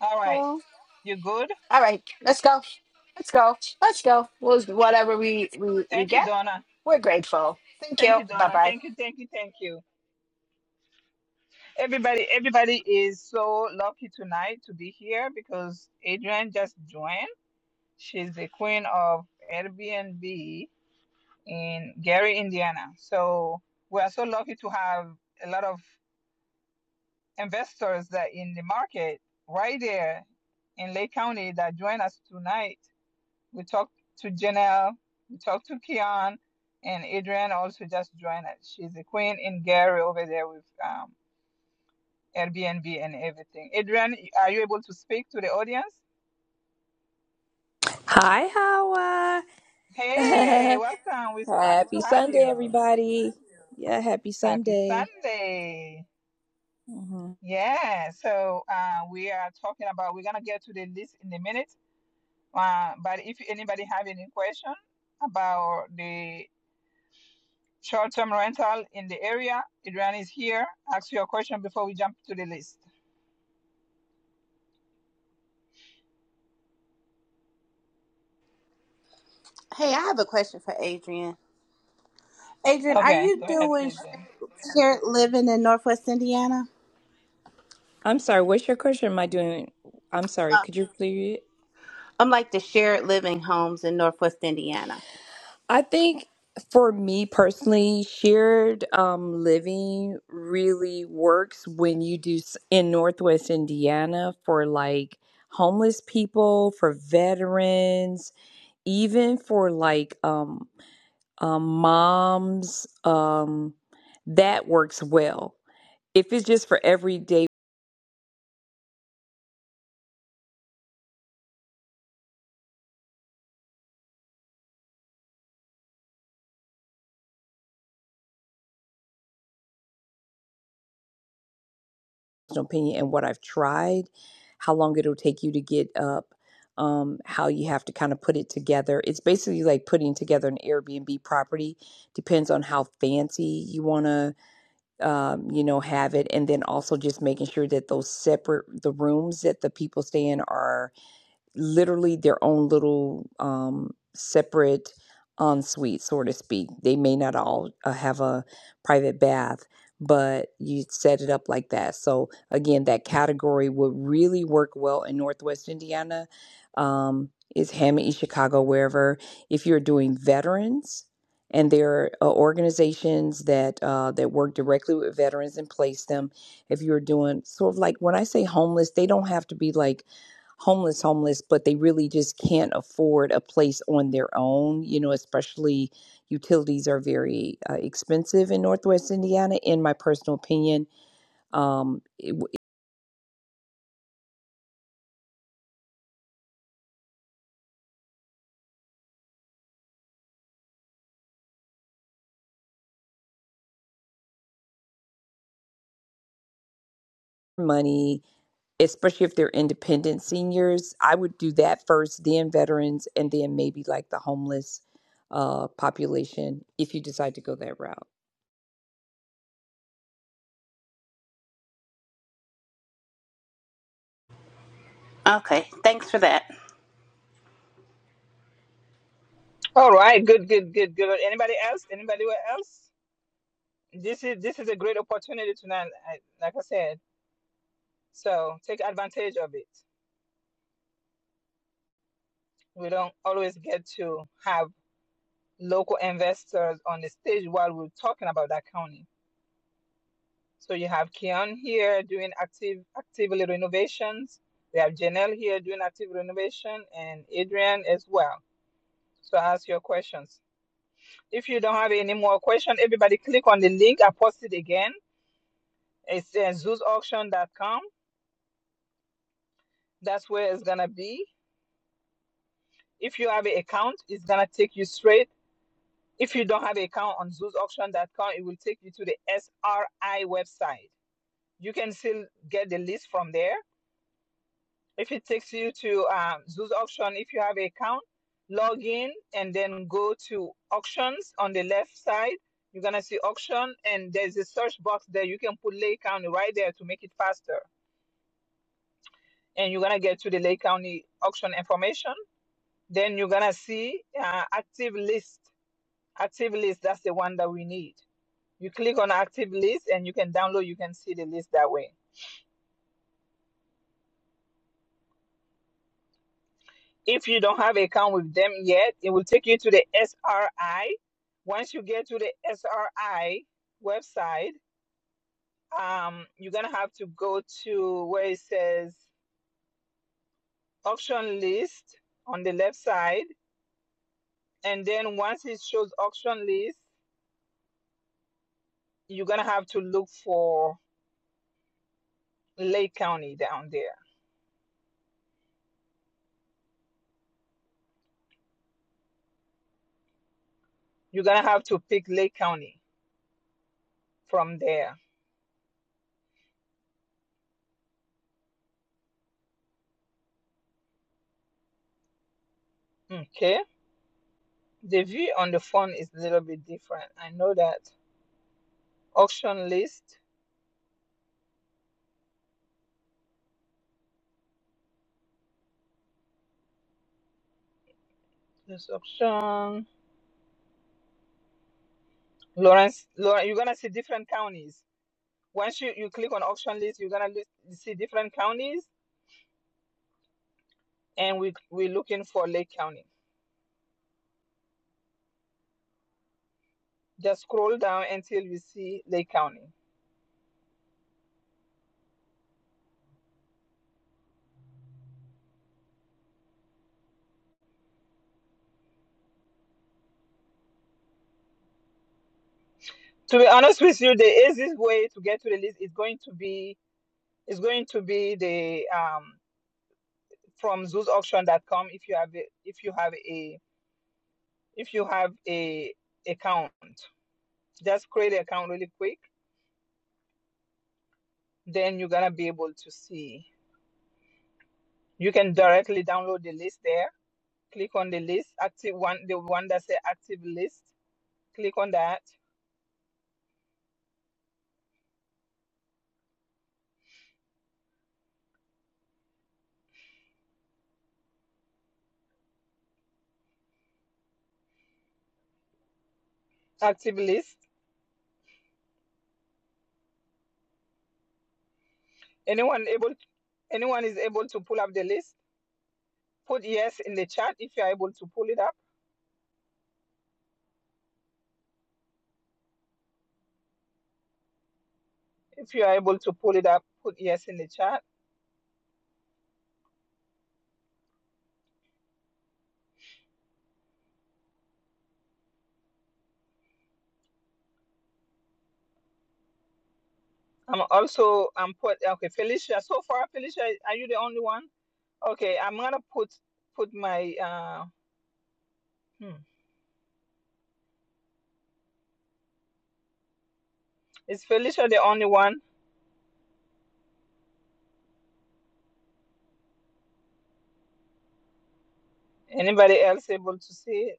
B: all right. You good?
A: All right, let's go. Let's go. Let's go. We'll, whatever we, we, we
B: Thank you,
A: get,
B: Donna.
A: we're grateful. Thank
B: Thank
A: you.
B: you,
A: Bye
B: Donna.
A: bye.
B: Thank you, thank you, thank you. Everybody, everybody is so lucky tonight to be here because Adrian just joined. She's the queen of Airbnb in Gary, Indiana. So we are so lucky to have a lot of investors that in the market right there in Lake County that join us tonight. We talked to Janelle, we talked to Kian, and Adrienne also just joined us. She's a queen in Gary over there with um, Airbnb and everything. Adrienne, are you able to speak to the audience?
N: Hi, Hawa.
B: Hey, welcome. We're so happy
N: happy
B: to have
N: Sunday,
B: you.
N: everybody. Yeah, happy
B: Happy
N: Sunday.
B: Sunday.
N: hmm
B: Yeah, so uh, we are talking about, we're going to get to the list in a minute. Uh, but if anybody have any question about the short-term rental in the area, Adrian is here. Ask your question before we jump to the list.
H: Hey, I have a question for Adrian. Adrian, are
B: Okay,
H: you
B: go ahead,
H: doing
B: please, Jen.
H: shared living in Northwest Indiana?
N: I'm sorry, what's your question? Am I doing? I'm sorry, could you repeat it?
H: I'm like the shared living homes in Northwest Indiana.
N: I think for me personally, shared um, living really works when you do s- in Northwest Indiana for like homeless people, for veterans, even for like um, um, moms, um, that works well. If it's just for everyday personal opinion and what I've tried, how long it'll take you to get up, um, how you have to kind of put it together. It's basically like putting together an Airbnb property. Depends on how fancy you want to, um, you know, have it, and then also just making sure that those separate the rooms that the people stay in are literally their own little um, separate ensuite, so to speak. They may not all uh, have a private bath, but you set it up like that. So, again, that category would really work well in Northwest Indiana. Um, is Hammond East Chicago, wherever. If you're doing veterans, and there are uh, organizations that uh, that work directly with veterans and place them. If you're doing sort of like when I say homeless, they don't have to be like homeless homeless but they really just can't afford a place on their own you know especially utilities are very uh, expensive in northwest indiana in my personal opinion um it, money especially if they're independent seniors i would do that first then veterans and then maybe like the homeless uh population if you decide to go that route
H: Okay, thanks for that.
B: All right, good, good, good, good. Anybody else? Anybody else? This is this is a great opportunity tonight. I, like I said, so take advantage of it. We don't always get to have local investors on the stage while we're talking about that county. So you have Kian here doing active actively renovations. We have Janelle here doing active renovation and Adrian as well. So ask your questions. If you don't have any more questions, everybody click on the link. I posted again. It's uh, zoosauction.com. That's where it's gonna be. If you have an account, it's gonna take you straight. If you don't have an account on zoosauction.com, it will take you to the SRI website. You can still get the list from there If it takes you to um, Zoos Auction, if you have an account, log in and then go to Auctions on the left side. You're gonna see Auction, and there's a search box there. You can put Lake County right there to make it faster, and you're gonna get to the Lake County auction information. Then you're gonna see uh, Active List. Active List, that's the one that we need. You click on Active List, and you can download. You can see the list that way. If you don't have an account with them yet, it will take you to the SRI. Once you get to the SRI website, um, you're gonna have to go to where it says auction list on the left side, and then once it shows auction list, you're gonna have to look for Lake County down there. You're gonna have to pick Lake County from there. Okay. The view on the phone is a little bit different. I know that. Auction list There's auction. Lawrence, Lawrence, you're gonna see different counties. Once you, you click on auction list, you're gonna list, see different counties, and we we're looking for Lake County. Just scroll down until you see Lake County. To be honest with you, the easiest way to get to the list is going to be is going to be the um from Zoo's zoosauction.com if you have a, if you have a if you have a account. Just create an account really quick, then you're gonna be able to see You can directly download the list there. Click on the list, active one, the one that say active list. Click on that active list. Anyone able, anyone is able to pull up the list. Put yes in the chat if you are able to pull it up. If you are able to pull it up, put yes in the chat. I'm also I'm put okay Felicia. So far, Felicia, are you the only one? Okay, I'm gonna put put my uh. Hmm. Is Felicia the only one? Anybody else able to see it?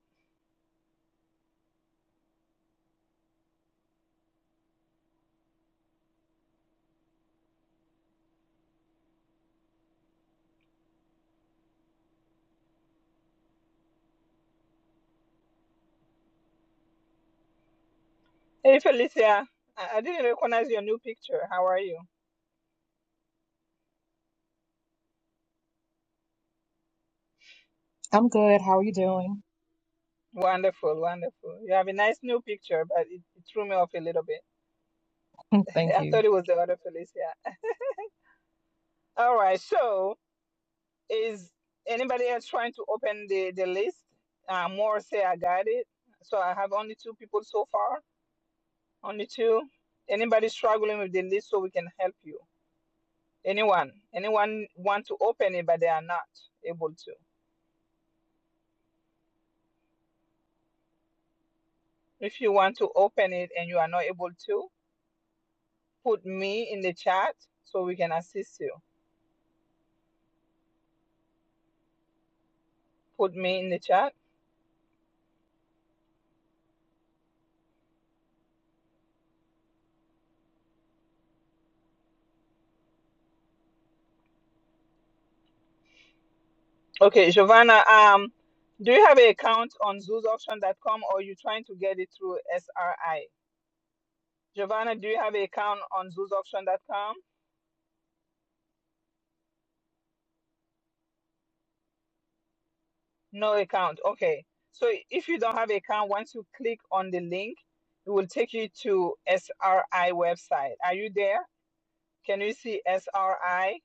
B: Hey, Felicia, I, I didn't recognize your new picture. How are you?
O: I'm good. How are you doing?
B: Wonderful, wonderful. You have a nice new picture, but it, it threw me off a little bit.
O: Thank
B: I
O: you.
B: thought it was the other Felicia. All right, so is anybody else trying to open the, the list? Uh, more say I got it. So I have only two people so far. Only two. Anybody struggling with the list so we can help you? Anyone? Anyone want to open it but they are not able to? If you want to open it and you are not able to, put me in the chat so we can assist you. Put me in the chat. Okay, Giovanna, um, do you have an account on zoosauction.com or you trying to get it through SRI? Giovanna, do you have an account on zoosauction.com? No account. Okay. So if you don't have account, once you click on the link, it will take you to SRI website. Are you there? Can you see SRI?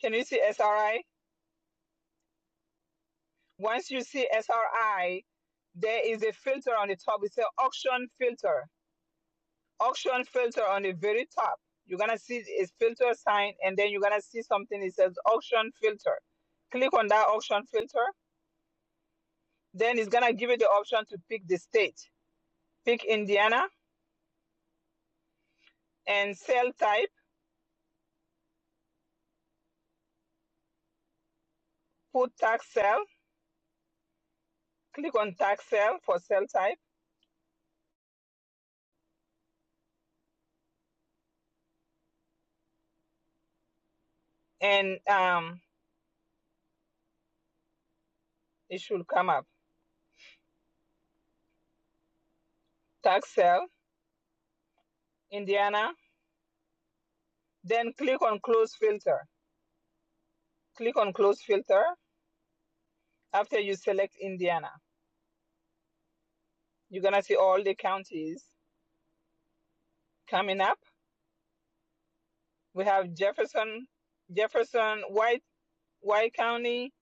B: Can you see SRI? Once you see SRI, there is a filter on the top. It's an auction filter. Auction filter on the very top. You're gonna see a filter sign, and then you're gonna see something. It says auction filter. Click on that auction filter. Then it's gonna give you the option to pick the state. Pick Indiana and cell type, put tax cell, click on tax cell for cell type, and um, it should come up. Tax cell, Indiana, then click on close filter. Click on close filter. After you select Indiana, you're gonna see all the counties coming up. We have Jefferson, Jefferson, White, White County.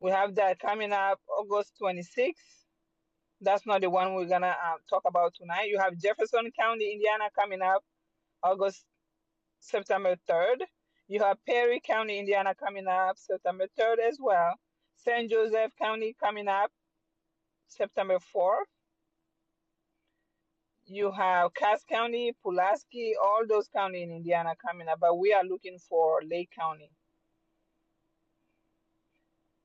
B: We have that coming up August 26th. That's not the one we're gonna uh, talk about tonight. You have Jefferson County, Indiana, coming up August September 3rd. You have Perry County, Indiana coming up September 3rd as well. St. Joseph County coming up September 4th. You have Cass County, Pulaski, all those counties in Indiana coming up, but we are looking for Lake County.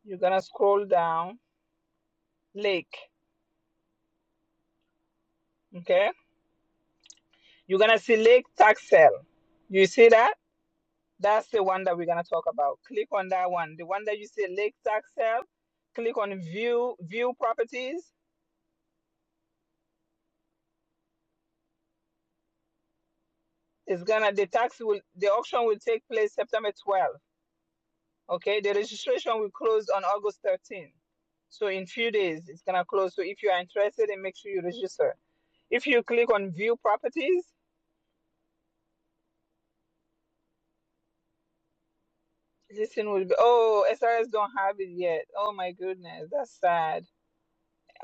B: You're gonna scroll down, Lake. Okay, you're gonna see Lake Tax Sale. You see that? That's the one that we're gonna talk about. Click on that one. The one that you see Lake Tax Sale. Click on View View Properties It's gonna the tax will the auction will take place September 12th. Okay, the registration will close on August 13th. So in few days it's gonna close. So if you are interested, and make sure you register. If you click on view properties, this thing will be. Oh, SRS don't have it yet. Oh my goodness, that's sad.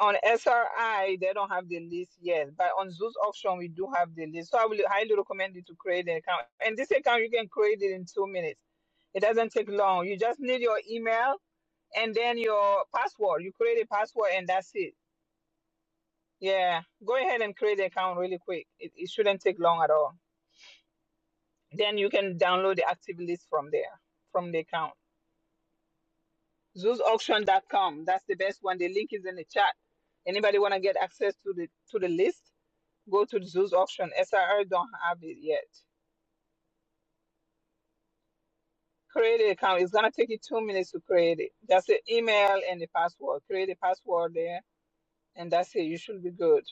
B: On SRI they don't have the list yet, but on Zoos auction we do have the list. So I will highly recommend you to create an account. And this account you can create it in two minutes. It doesn't take long. You just need your email and then your password. You create a password and that's it. Yeah, go ahead and create the account really quick. It, it shouldn't take long at all. Then you can download the active list from there, from the account. zoos Auction dot com. That's the best one. The link is in the chat. Anybody want to get access to the to the list? Go to Zeus Auction. SRR don't have it yet. Create an account. It's gonna take you two minutes to create it. That's the email and the password. Create a password there, and that's it. You should be good.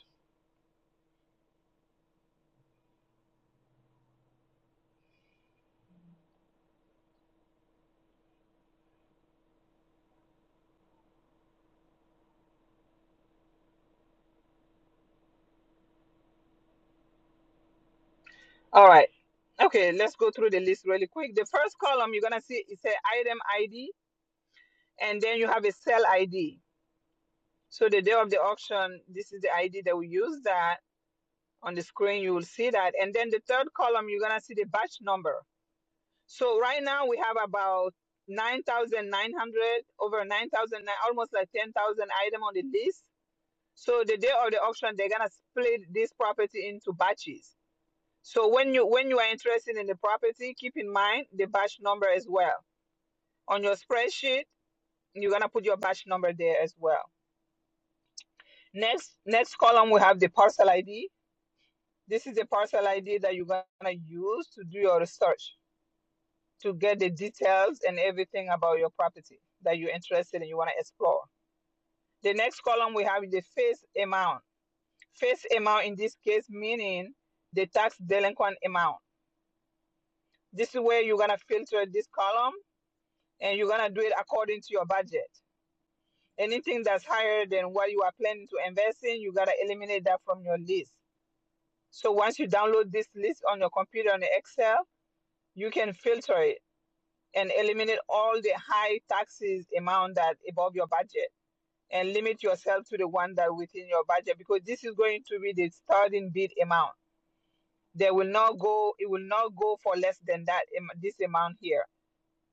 B: All right. Okay, let's go through the list really quick. The first column you're gonna see it's a item ID, and then you have a sell ID. So the day of the auction, this is the ID that we use. That on the screen you will see that, and then the third column you're gonna see the batch number. So right now we have about nine thousand nine hundred over nine thousand, almost like ten thousand item on the list. So the day of the auction, they're gonna split this property into batches. So when you when you are interested in the property, keep in mind the batch number as well. on your spreadsheet. You're gonna put your batch number there as well. Next, next column we have the parcel ID. This is the parcel ID that you're gonna use to do your research to get the details and everything about your property that you're interested in. You wanna explore. The next column we have the face amount. Face amount in this case meaning the tax delinquent amount. This is where you're gonna filter this column and you're gonna do it according to your budget. anything that's higher than what you are planning to invest in, you got to eliminate that from your list. So once you download this list on your computer on the Excel, you can filter it and eliminate all the high taxes amount that above your budget and limit yourself to the one that within your budget because this is going to be the starting bid amount. They will not go, it will not go for less than that, this amount here.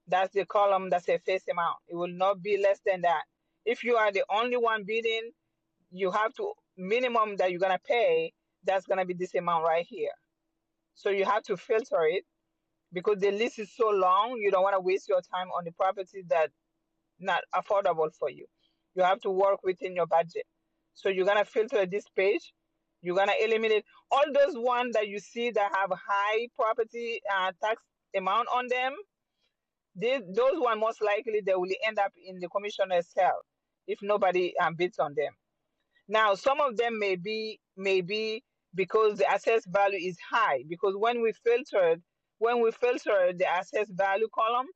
B: That's the column that says face amount. It will not be less than that. If you are the only one bidding, you have to minimum that you're gonna pay that's gonna be this amount right here so you have to filter it because the list is so long you don't want to waste your time on the property that not affordable for you you have to work within your budget so you're gonna filter this page you're gonna eliminate all those ones that you see that have high property uh, tax amount on them they, those one most likely they will end up in the commissioner's cell if nobody um, bids on them now, some of them may be may be because the assessed value is high. Because when we filtered when we filtered the assessed value column,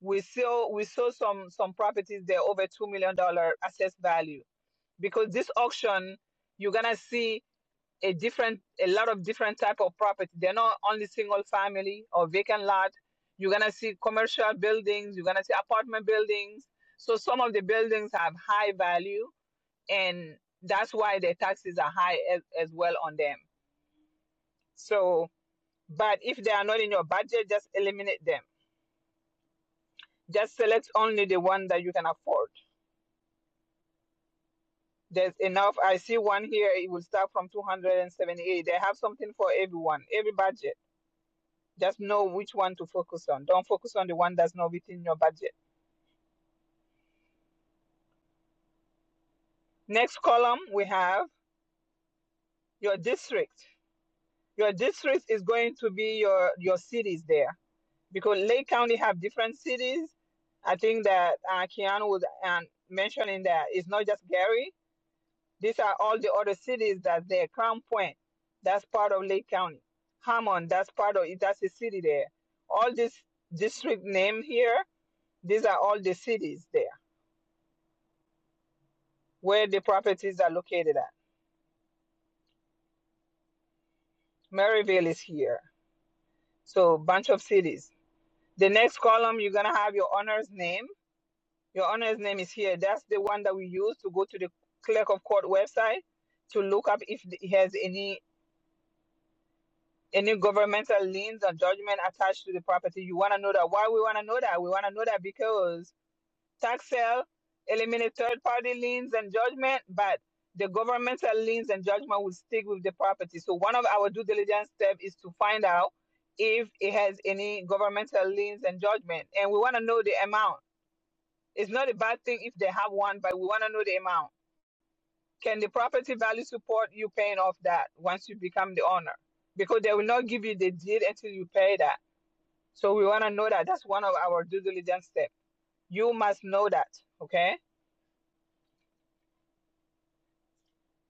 B: we saw we saw some some properties there over two million dollar assessed value. Because this auction, you're gonna see a different a lot of different type of property. They're not only single family or vacant lot. You're gonna see commercial buildings. You're gonna see apartment buildings. So some of the buildings have high value and that's why the taxes are high as, as well on them. So, but if they are not in your budget, just eliminate them. Just select only the one that you can afford. There's enough. I see one here. It will start from 278. They have something for everyone, every budget. Just know which one to focus on. Don't focus on the one that's not within your budget. Next column, we have your district. Your district is going to be your your cities there because Lake County have different cities. I think that uh, Keanu was um, mentioning that it's not just Gary. These are all the other cities that there: Crown Point, that's part of Lake County. Hammond, that's part of it. That's a city there. All this district name here. These are all the cities there where the properties are located at. Maryville is here. So bunch of cities. The next column you're gonna have your owner's name Your honor's name is here. That's the one that we use to go to the clerk of court website to look up if he has any any governmental liens or judgment attached to the property. You want to know that. Why we want to know that? We want to know that because tax sale eliminate third party liens and judgment, but the governmental liens and judgment will stick with the property. So one of our due diligence steps is to find out if it has any governmental liens and judgment, and we want to know the amount. It's not a bad thing if they have one, but we want to know the amount. Can the property value support you paying off that once you become the owner? Because they will not give you the deed until you pay that. So we want to know that. That's one of our due diligence steps. You must know that. Okay.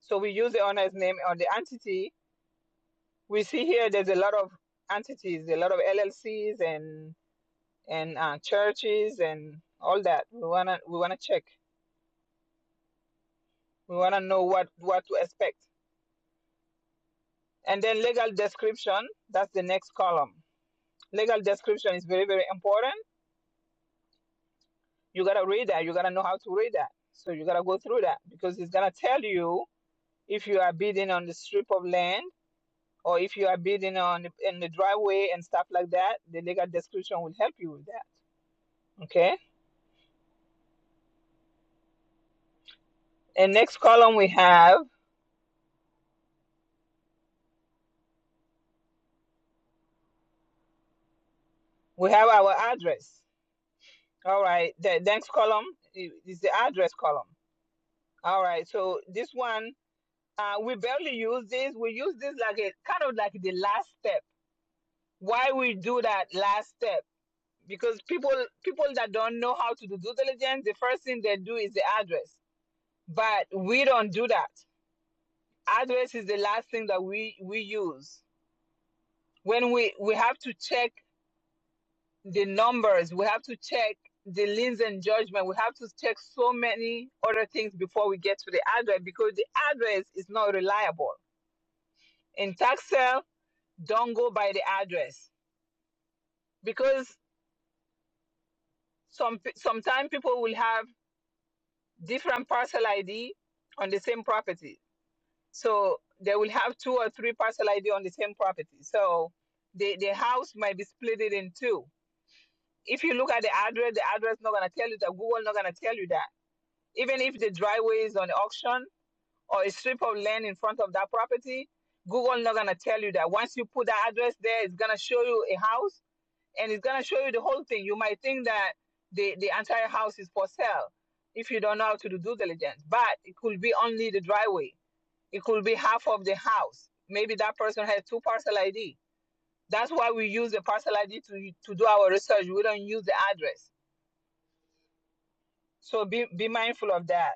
B: So we use the owner's name on the entity. We see here there's a lot of entities, a lot of LLCs and and uh, churches and all that. We wanna we wanna check. We wanna know what what to expect. And then legal description. That's the next column. Legal description is very very important you gotta read that. You gotta know how to read that. So you gotta go through that because it's gonna tell you if you are bidding on the strip of land or if you are bidding on the, in the driveway and stuff like that. The legal description will help you with that. Okay. And next column we have we have our address. All right. The next column is the address column. All right. So this one uh, we barely use this. We use this like a kind of like the last step. Why we do that last step? because people people that don't know how to do due diligence, the first thing they do is the address. But we don't do that. Address is the last thing that we we use when we we have to check the numbers. We have to check the liens and judgment. We have to check so many other things before we get to the address because the address is not reliable. In tax sale, don't go by the address because some sometimes people will have different parcel ID on the same property So they will have two or three parcel ID on the same property. So the, the house might be split it in two. If you look at the address, the address not gonna tell you that Google not gonna tell you that. Even if the driveway is on auction or a strip of land in front of that property, Google not gonna tell you that. Once you put that address there, it's gonna show you a house and it's gonna show you the whole thing. You might think that the, the entire house is for sale if you don't know how to do due diligence, but it could be only the driveway it could be half of the house. Maybe that person has two parcel ID. That's why we use the parcel ID to, to do our research. We don't use the address. So be, be mindful of that.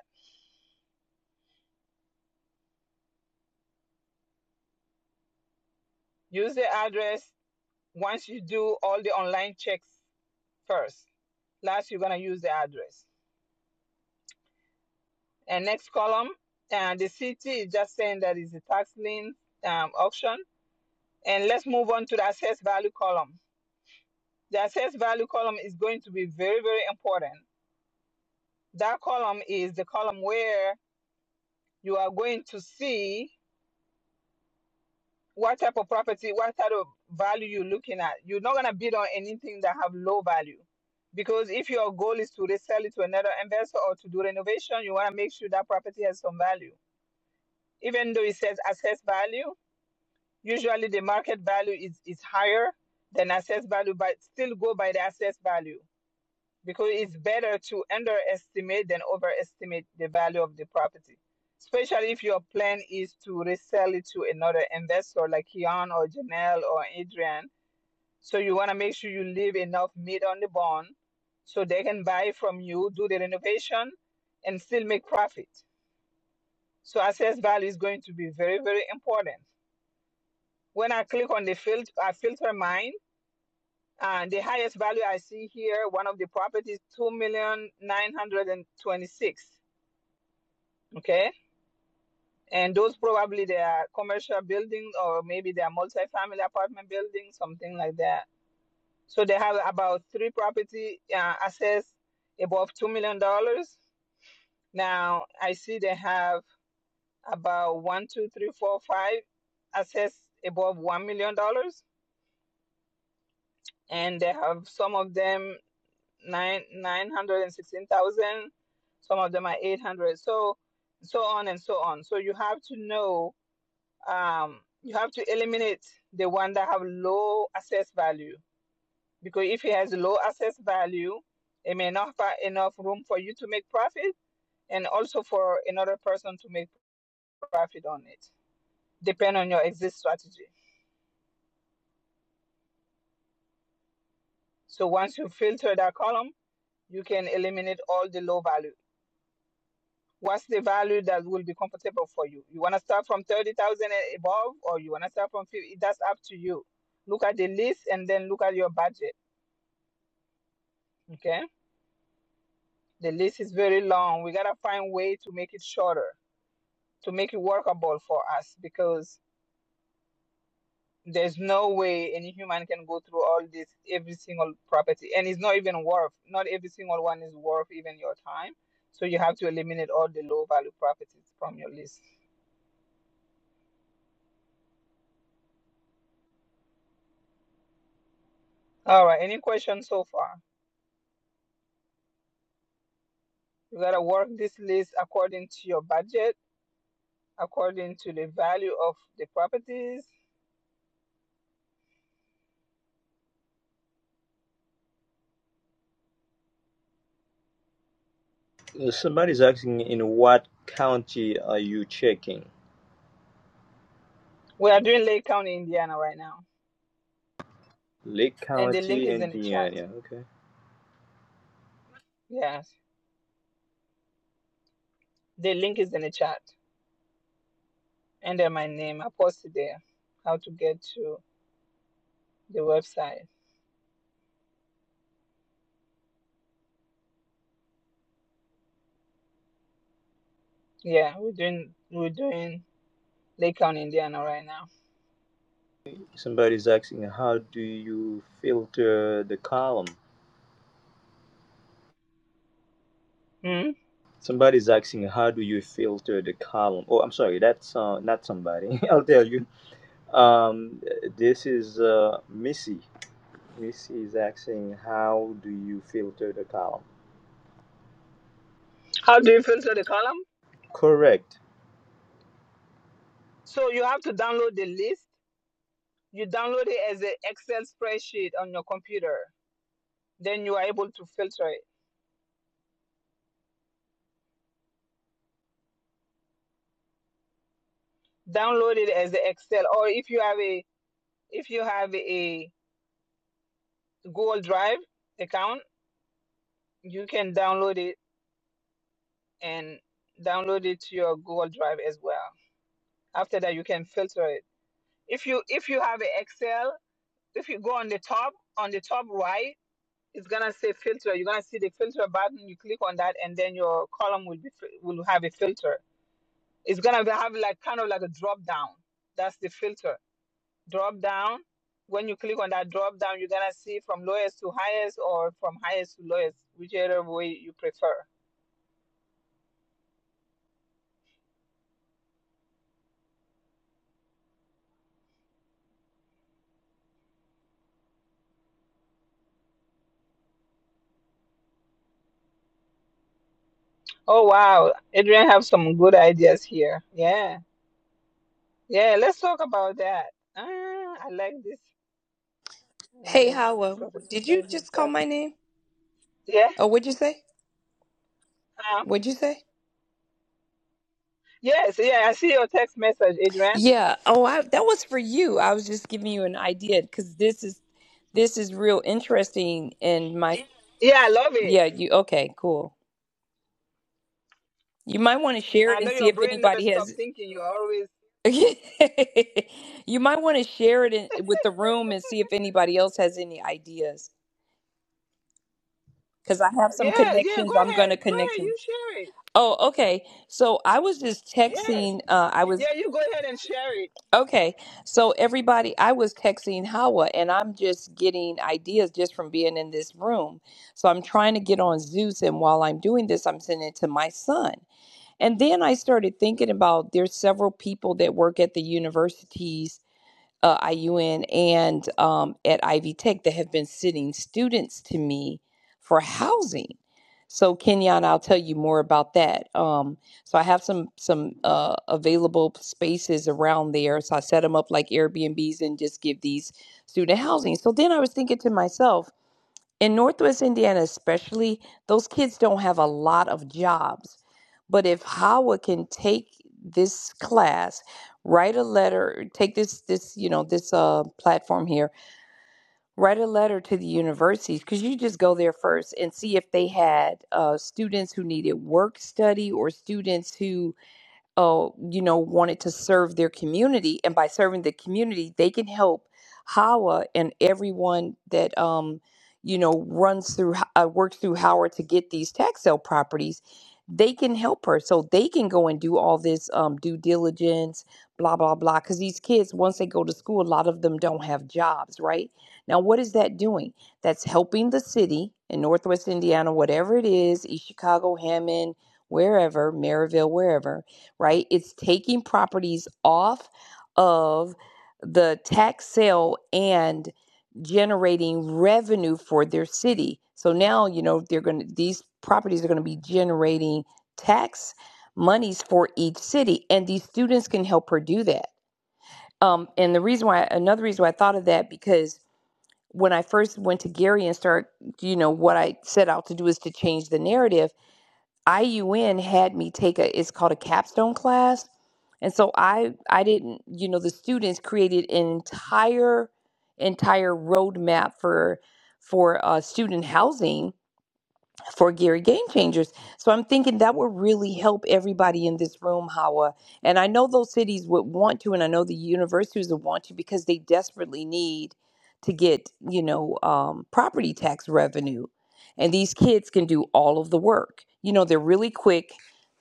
B: Use the address once you do all the online checks first. Last, you're going to use the address. And next column, and the city is just saying that is a tax lien um, auction. And let's move on to the assessed value column. The assessed value column is going to be very, very important. That column is the column where you are going to see what type of property, what type of value you're looking at. You're not gonna bid on anything that have low value. Because if your goal is to resell it to another investor or to do renovation, you wanna make sure that property has some value. Even though it says assessed value, usually the market value is, is higher than assessed value, but still go by the assessed value. because it's better to underestimate than overestimate the value of the property, especially if your plan is to resell it to another investor like Kian or Janelle or Adrian. So you want to make sure you leave enough meat on the bone so they can buy from you, do the renovation, and still make profit. So assessed value is going to be very, very important. When I click on the filter, I filter mine. And the highest value I see here, one of the properties, two million nine hundred and twenty-six. Okay. And those probably they are commercial buildings or maybe they are multi-family apartment buildings, something like that. So they have about three property uh, assets above $2 million. dollars. Now I see they have about one, two, three, four, five assets above $1 million. dollars. And they have some of them nine, 916,000, some of them are 800. So, so on and so on. So you have to know um, you have to eliminate the one that have low assess value because if it has low assess value, it may not have enough room for you to make profit and also for another person to make profit on it, depend on your exit strategy. So once you filter that column, you can eliminate all the low value. What's the value that will be comfortable for you? You want to start from 30,000 and above or you want to start from 50? That's up to you. Look at the list and then look at your budget. Okay The list is very long. We gotta find way to make it shorter, to make it workable for us, because there's no way any human can go through all this, every single property, and it's not even worth. Not every single one is worth even your time. So you have to eliminate all the low value properties from your list. All right. Any questions so far? You gotta work this list according to your budget, according to the value of the properties.
I: Uh, Somebody's asking in what county are you checking?
B: We are doing Lake County, Indiana, right now,
I: Lake
B: and the link
I: County,
B: is in the chat.
I: Indiana. Okay.
B: Yes. The link is in the chat. And my name, I posted there how to get to the website. Yeah, we're doing we're doing Lake County, Indiana right now.
I: Somebody's asking, how do you filter the column?
B: Hmm?
I: Somebody's asking, how do you filter the column? Oh, I'm sorry, that's uh, not somebody. I'll tell you. Um, this is uh, Missy. Missy is asking, how do you filter the column?
B: How do you filter the column?
I: Correct.
B: So you have to download the list. You download it as an Excel spreadsheet on your computer. Then you are able to filter it. Download it as an Excel, or if you have a if you have a Google Drive account, you can download it and download it to your Google Drive as well. after that you can filter it if you if you have an excel if you go on the top on the top right it's gonna say filter you're gonna see the filter button you click on that and then your column will be fi- will have a filter it's gonna be- have like kind of like a drop down that's the filter drop down when you click on that drop down you're gonna see from lowest to highest or from highest to lowest whichever way you prefer oh wow adrian have some good ideas here yeah yeah let's talk about that Ah, I like this. and
N: Hey,
B: give
N: Howell,
B: Prophet
N: did you
B: Wisdom his
N: just call
B: back.
N: my name?
B: Yeah.
N: Oh, what'd you say?
B: Um,
N: What'd you say?
B: yes. Yeah. I see your text message, Adrian.
N: Yeah. Oh, I, that was for you. I was just giving you an idea because this is this is real interesting. And my
B: Yeah, I love it.
N: yeah, you okay? Cool. You might want to share
B: I
N: it
B: know
N: and see
B: your
N: if
B: brain never
N: anybody
B: stops
N: has.
B: thinking. You're always.
N: you might want to share it in, with the room and see if anybody else has any ideas because I have some
B: Yeah. Yeah. Go
N: connections. I'm going
B: ahead.
N: to
B: Go
N: connect
B: ahead.
N: you.
B: You share it.
N: Oh, okay. So I was just
B: Yes.
N: texting. Uh, I was
B: Yeah. You go ahead and share it.
N: Okay, so everybody, I was texting Hawa, and I'm just getting ideas just from being in this room. So I'm trying to get on Zeus, and while I'm doing this, I'm sending it to my son. And then I started thinking about there's several people that work at the universities uh, IUN and um, at Ivy Tech that have been sending students to me for housing. So Kenyon, I'll tell you more about that. Um, so I have some some uh, available spaces around there. So I set them up like Airbnbs and just give these student housing. So then I was thinking to myself, in Northwest Indiana, especially, those kids don't have a lot of jobs. But if Howard can take this class, write a letter, take this this you know this uh platform here, write a letter to the universities because you just go there first and see if they had uh, students who needed work study or students who uh, you know, wanted to serve their community. And by serving the community, they can help Howard and everyone that, um, you know, runs through, uh, works through Howard to get these tax sale properties. They can help her. So they can go and do all this um, due diligence, blah, blah, blah. Because these kids, once they go to school, a lot of them don't have jobs, right? Now, what is that doing? That's helping the city in Northwest Indiana, whatever it is, East Chicago, Hammond, wherever, Maryville, wherever right? It's taking properties off of the tax sale and generating revenue for their city. So now, you know, they're going to, these properties are going to be generating tax monies for each city, and these students can help her do that. Um, and the reason why, another reason why I thought of that, because when I first went to Gary and start, you know, what I set out to do is to change the narrative IUN had me take a it's called a capstone class. And so I I didn't, you know, the students created an entire entire roadmap for for uh, student housing for Gary Game Changers. So I'm thinking that would really help everybody in this room, Hawa. And I know those cities would want to, and I know the universities would want to because they desperately need to get, you know, um, property tax revenue. And these kids can do all of the work. You know, they're really quick.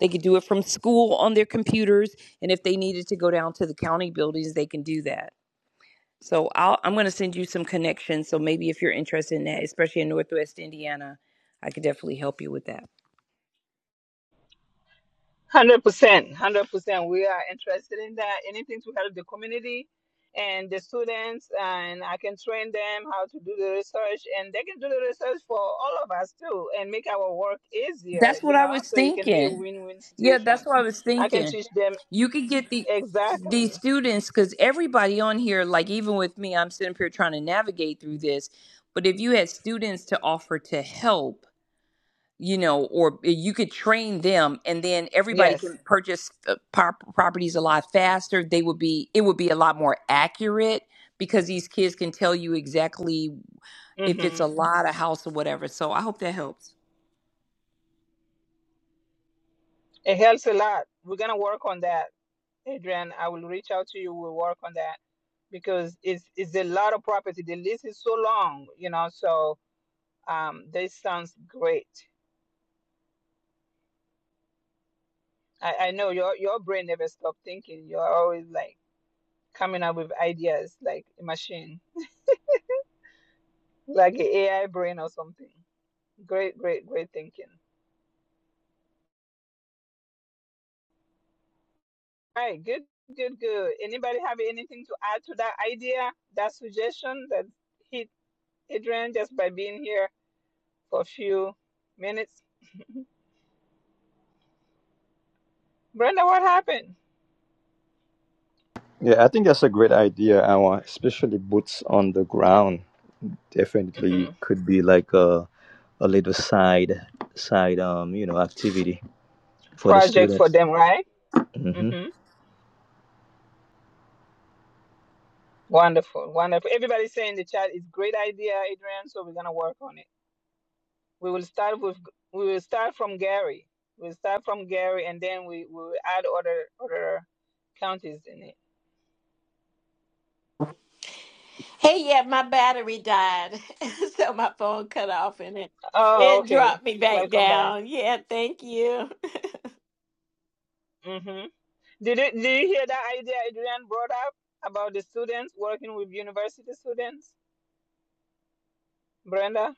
N: They could do it from school on their computers. And if they needed to go down to the county buildings, they can do that. So I'll, I'm going to send you some connections. So maybe if you're interested in that, especially in Northwest Indiana, I could definitely help you with that.
B: Hundred percent, hundred percent. We are interested in that. Anything to help the community and the students, and I can train them how to do the research, and they can do the research for all of us too, and make our work easier.
N: That's what
B: You
N: I
B: know,
N: was
B: so it can be a
N: thinking.
B: win-win
N: Yeah, that's
B: situation.
N: what I was
B: I can
N: thinking.
B: teach them
N: You could get the these
B: exactly.
N: students because everybody on here, like even with me, I'm sitting up here trying to navigate through this. But if you had students to offer to help, you know, or eh, you could train them, and then everybody
B: Yes,
N: can purchase uh, par- properties a lot faster. They would be, it would be a lot more accurate because these kids can tell you exactly if it's
B: hmm
N: a lot, a house, or whatever. So I hope that helps.
B: it helps a lot. We're gonna work on that, Adrian. I will reach out to you. We'll work on that because it's it's a lot of property. The list is so long. You know, so Um, this sounds great. I, I know your your brain never stops thinking. You're always like coming up with ideas like a machine, like an AI brain or something. Great, great, great thinking. All right, good, good, good. Anybody have anything to add to that idea, that suggestion that hit Adrian just by being here for a few minutes? Brenda, what happened?
I: Yeah, I think that's a great idea, Awa, especially boots on the ground. Definitely
B: hmm
I: could be like a, a little side side um, you know, activity for the
B: Project for
I: students.
B: them, right? hmm Wonderful, wonderful. Everybody say in the chat, it's great idea, Adrian. So we're gonna work on it. We will start with we will start from Gary. We'll start from Gary, and then we we will add other other counties in it.
C: Hey, yeah, my battery died. so my phone cut off and it,
B: Oh,
C: it dropped
B: okay.
C: me back
B: Welcome back.
C: down. Yeah, thank you.
B: hmm Did it, did you hear that idea Adrian brought up about the students working with university students? Brenda,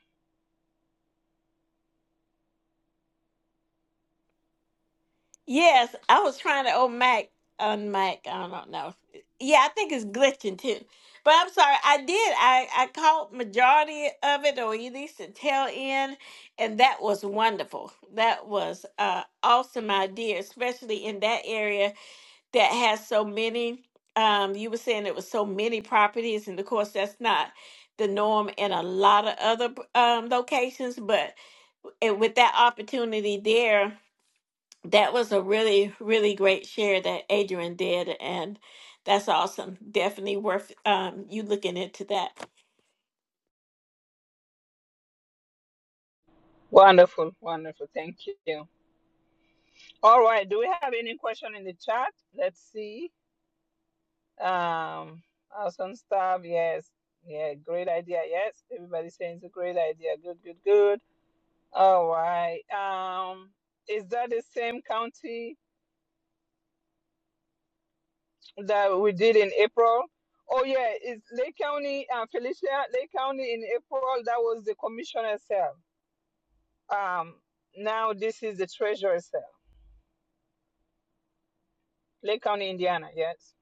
C: Yes, I was trying to oh Mac on Mac. I don't know. Yeah, I think it's glitching too. But I'm sorry, I did. I I caught majority of it, or at least the tail end, and that was wonderful. That was uh awesome idea, especially in that area that has so many. Um, you were saying it was so many properties, and of course that's not the norm in a lot of other um locations. But it, with that opportunity there that was a really really great share that adrian did and that's awesome definitely worth um, you looking into that
B: wonderful, wonderful. Thank you. All right. Do we have any question in the chat? Let's see. Um, awesome stuff. Yes. Yeah, great idea. Yes, everybody saying it's a great idea. Good, good, good. All right. Um, is that the same county that we did in April? Oh yeah, it's Lake County, uh, Felicia, Lake County in April, that was the commissioner cell. Um, now this is the treasurer cell, Lake County, Indiana, yes.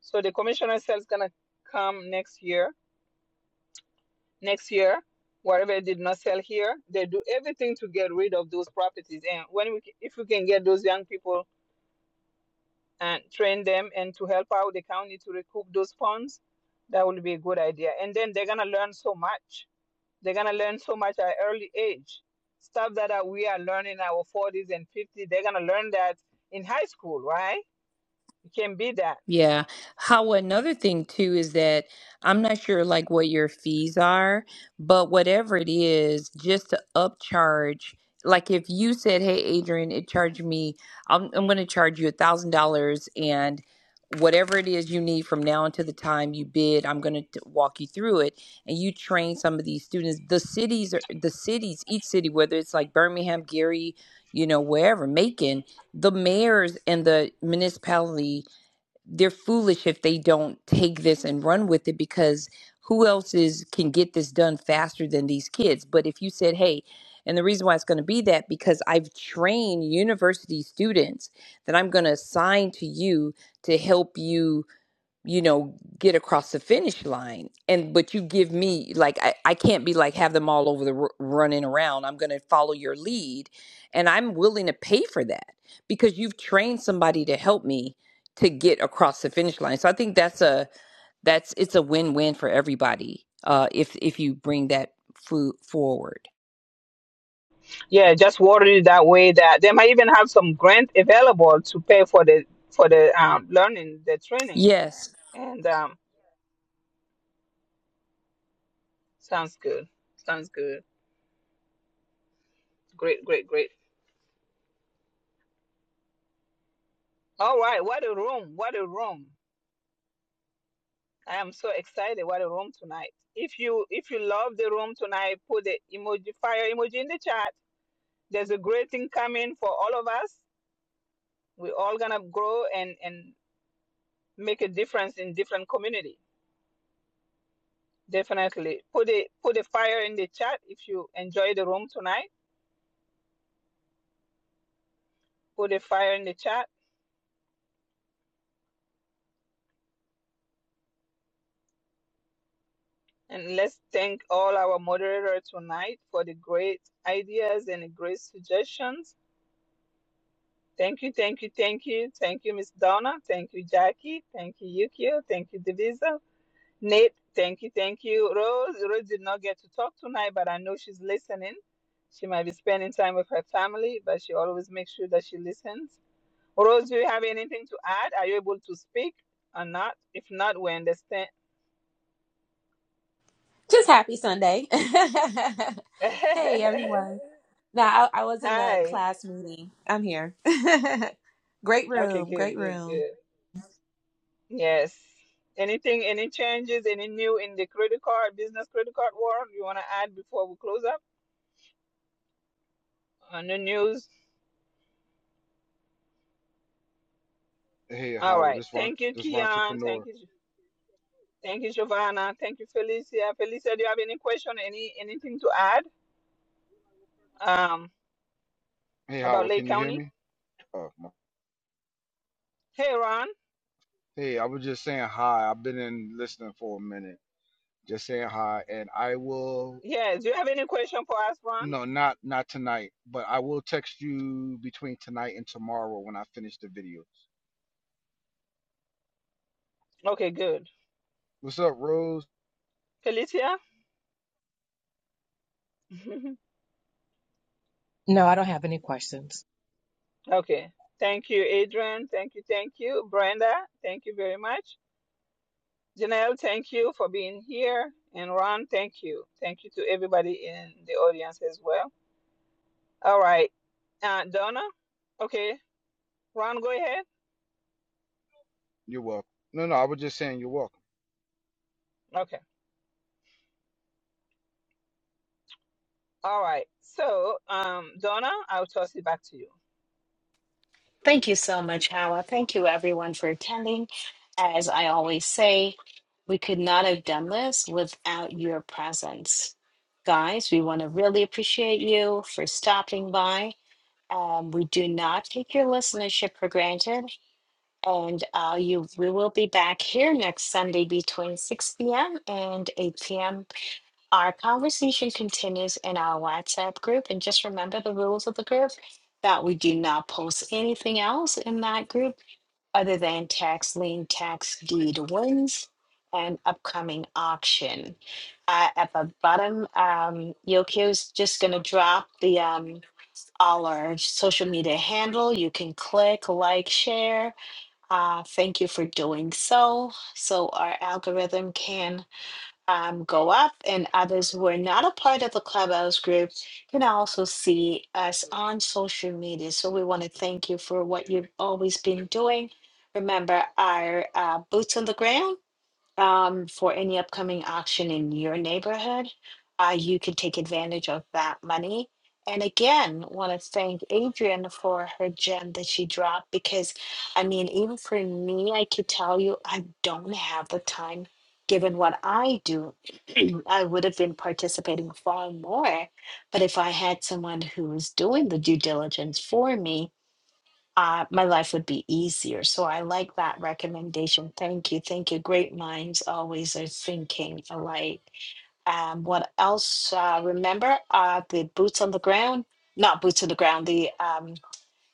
B: So the commissioner cell is gonna come next year, next year, whatever they did not sell here, they do everything to get rid of those properties. And when we, c- if we can get those young people and train them and to help out the county to recoup those funds, that would be a good idea. And then they're gonna learn so much. They're gonna learn so much at an early age. Stuff that uh, we are learning in our forties and fifties, they're gonna learn that in high school, right? It can be that.
N: Yeah. How another thing too is that I'm not sure like what your fees are, but whatever it is, just to upcharge. Like if you said, "Hey, Adrian, it charged me. I'm I'm going to charge you a thousand dollars, and whatever it is you need from now until the time you bid, I'm going to walk you through it." And you train some of these students. The cities are the cities. Each city, whether it's like Birmingham, Gary, you know, wherever, Macon, the mayors and the municipality they're foolish if they don't take this and run with it because who else is can get this done faster than these kids but if you said hey and the reason why it's going to be that because i've trained university students that i'm going to assign to you to help you you know get across the finish line and but you give me like i, I can't be like have them all over the r- running around i'm going to follow your lead and i'm willing to pay for that because you've trained somebody to help me to get across the finish line so i think that's a that's it's a win-win for everybody uh if if you bring that food forward
B: Yeah, just worry that way that they might even have some grant available to pay for the for the um, learning, the training.
N: yes
B: And um, sounds good. Sounds good. Great, great, great. All right, what a room. What a room. I am so excited about the room tonight. If you if you love the room tonight, put the emoji fire emoji in the chat. There's a great thing coming for all of us. We're all gonna grow and and make a difference in different community. Definitely put a put a fire in the chat if you enjoy the room tonight. Put a fire in the chat and let's thank all our moderators tonight for the great ideas and the great suggestions Thank you, thank you, thank you. Thank you, Miss Donna. Thank you, Jackie. Thank you, Yukio. Thank you, Divisa. Nate, thank you, thank you. Rose, Rose did not get to talk tonight, but I know she's listening. She might be spending time with her family, but she always makes sure that she listens. Rose, do you have anything to add? Are you able to speak or not? If not, we understand.
P: Just happy Sunday. hey, everyone. Now, I, I was in a
B: Hi.
P: class meeting. I'm here. great
B: Okay,
P: room. Great
B: good, good,
P: room.
B: good. Yes. Anything, any changes, any new in the credit card, business credit card world you want to add before we close up on the news?
Q: Hey
B: All
Q: Howard,
B: right.
Q: this Ron,
B: Thank you,
Q: this
B: Kian. Thank
Q: entrepreneur.
B: you. Thank you, Giovanna. Thank you, Felicia. Felicia, do you have any question, any anything to add um,
Q: Hey
B: about
Q: Howard, can
B: Lake
Q: you hear
B: County?
Q: me? Oh, my.
B: Hey, Ron.
Q: Hey, I was just saying hi. I've been in listening for a minute. Just saying hi, and I will.
B: Yes. Do you have any question for us, Ron?
Q: No, not not tonight, but I will text you between tonight and tomorrow when I finish the videos.
B: Okay, good.
Q: What's up, Rose?
B: Felicia?
O: No, I don't have any questions.
B: okay. Thank you, Adrian. Thank you. Thank you, Brenda. Thank you very much. Janelle, thank you for being here. And Ron, thank you. Thank you to everybody in the audience as well. All right. Uh, Donna? Okay. Ron, go ahead.
Q: You're welcome. No, no, I was just saying you're welcome.
B: Okay. All right. So, um, Donna, I'll toss it back to you.
A: Thank you so much, Hawa. Thank you, everyone, for attending. As I always say, we could not have done this without your presence. Guys, we want to really appreciate you for stopping by. Um, we do not take your listenership for granted. And uh, you, we will be back here next Sunday between 6 p.m. and 8 p.m. Our conversation continues in our WhatsApp group. And just remember the rules of the group that we do not post anything else in that group other than tax lien, tax deed wins, and upcoming auction. Uh, at the bottom, um, Yokio is just going to drop the um, all our social media handle. You can click, like, share. Uh, thank you for doing so, so our algorithm can um, go up, and others who are not a part of the Clubhouse group can also see us on social media. So we want to thank you for what you've always been doing. Remember, our uh, boots on the ground um, for any upcoming auction in your neighborhood, uh, you can take advantage of that money. And again, want to thank Adrian for her gem that she dropped because, I mean, even for me, I could tell you I don't have the time. Given what I do, I would have been participating far more. But if I had someone who was doing the due diligence for me, uh, my life would be easier. So I like that recommendation. Thank you. Thank you. Great minds always are thinking alike. Um, what else? Uh, remember uh, the boots on the ground? Not boots on the ground. The um,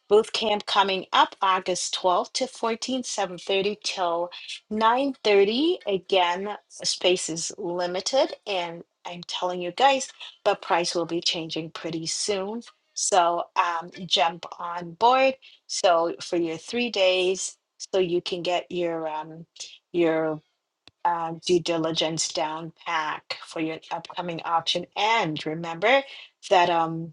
A: Boot camp coming up August 12th to 14th, 7:30 till 9:30. Again, space is limited, and I'm telling you guys, the price will be changing pretty soon. So um, jump on board. So for your three days, so you can get your um, your uh, due diligence down pack for your upcoming auction. And remember that um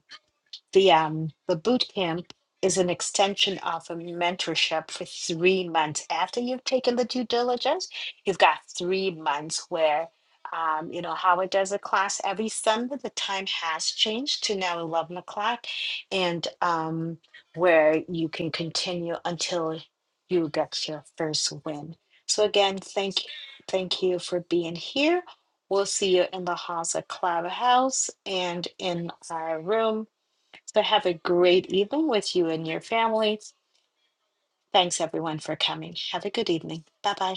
A: the um the boot camp is an extension of a mentorship for three months after you've taken the due diligence you've got three months where um, you know howard does a class every sunday the time has changed to now 11 o'clock and um, where you can continue until you get your first win so again thank thank you for being here we'll see you in the house at clubhouse and in our room so have a great evening with you and your family. Thanks everyone for coming. Have a good evening. Bye bye.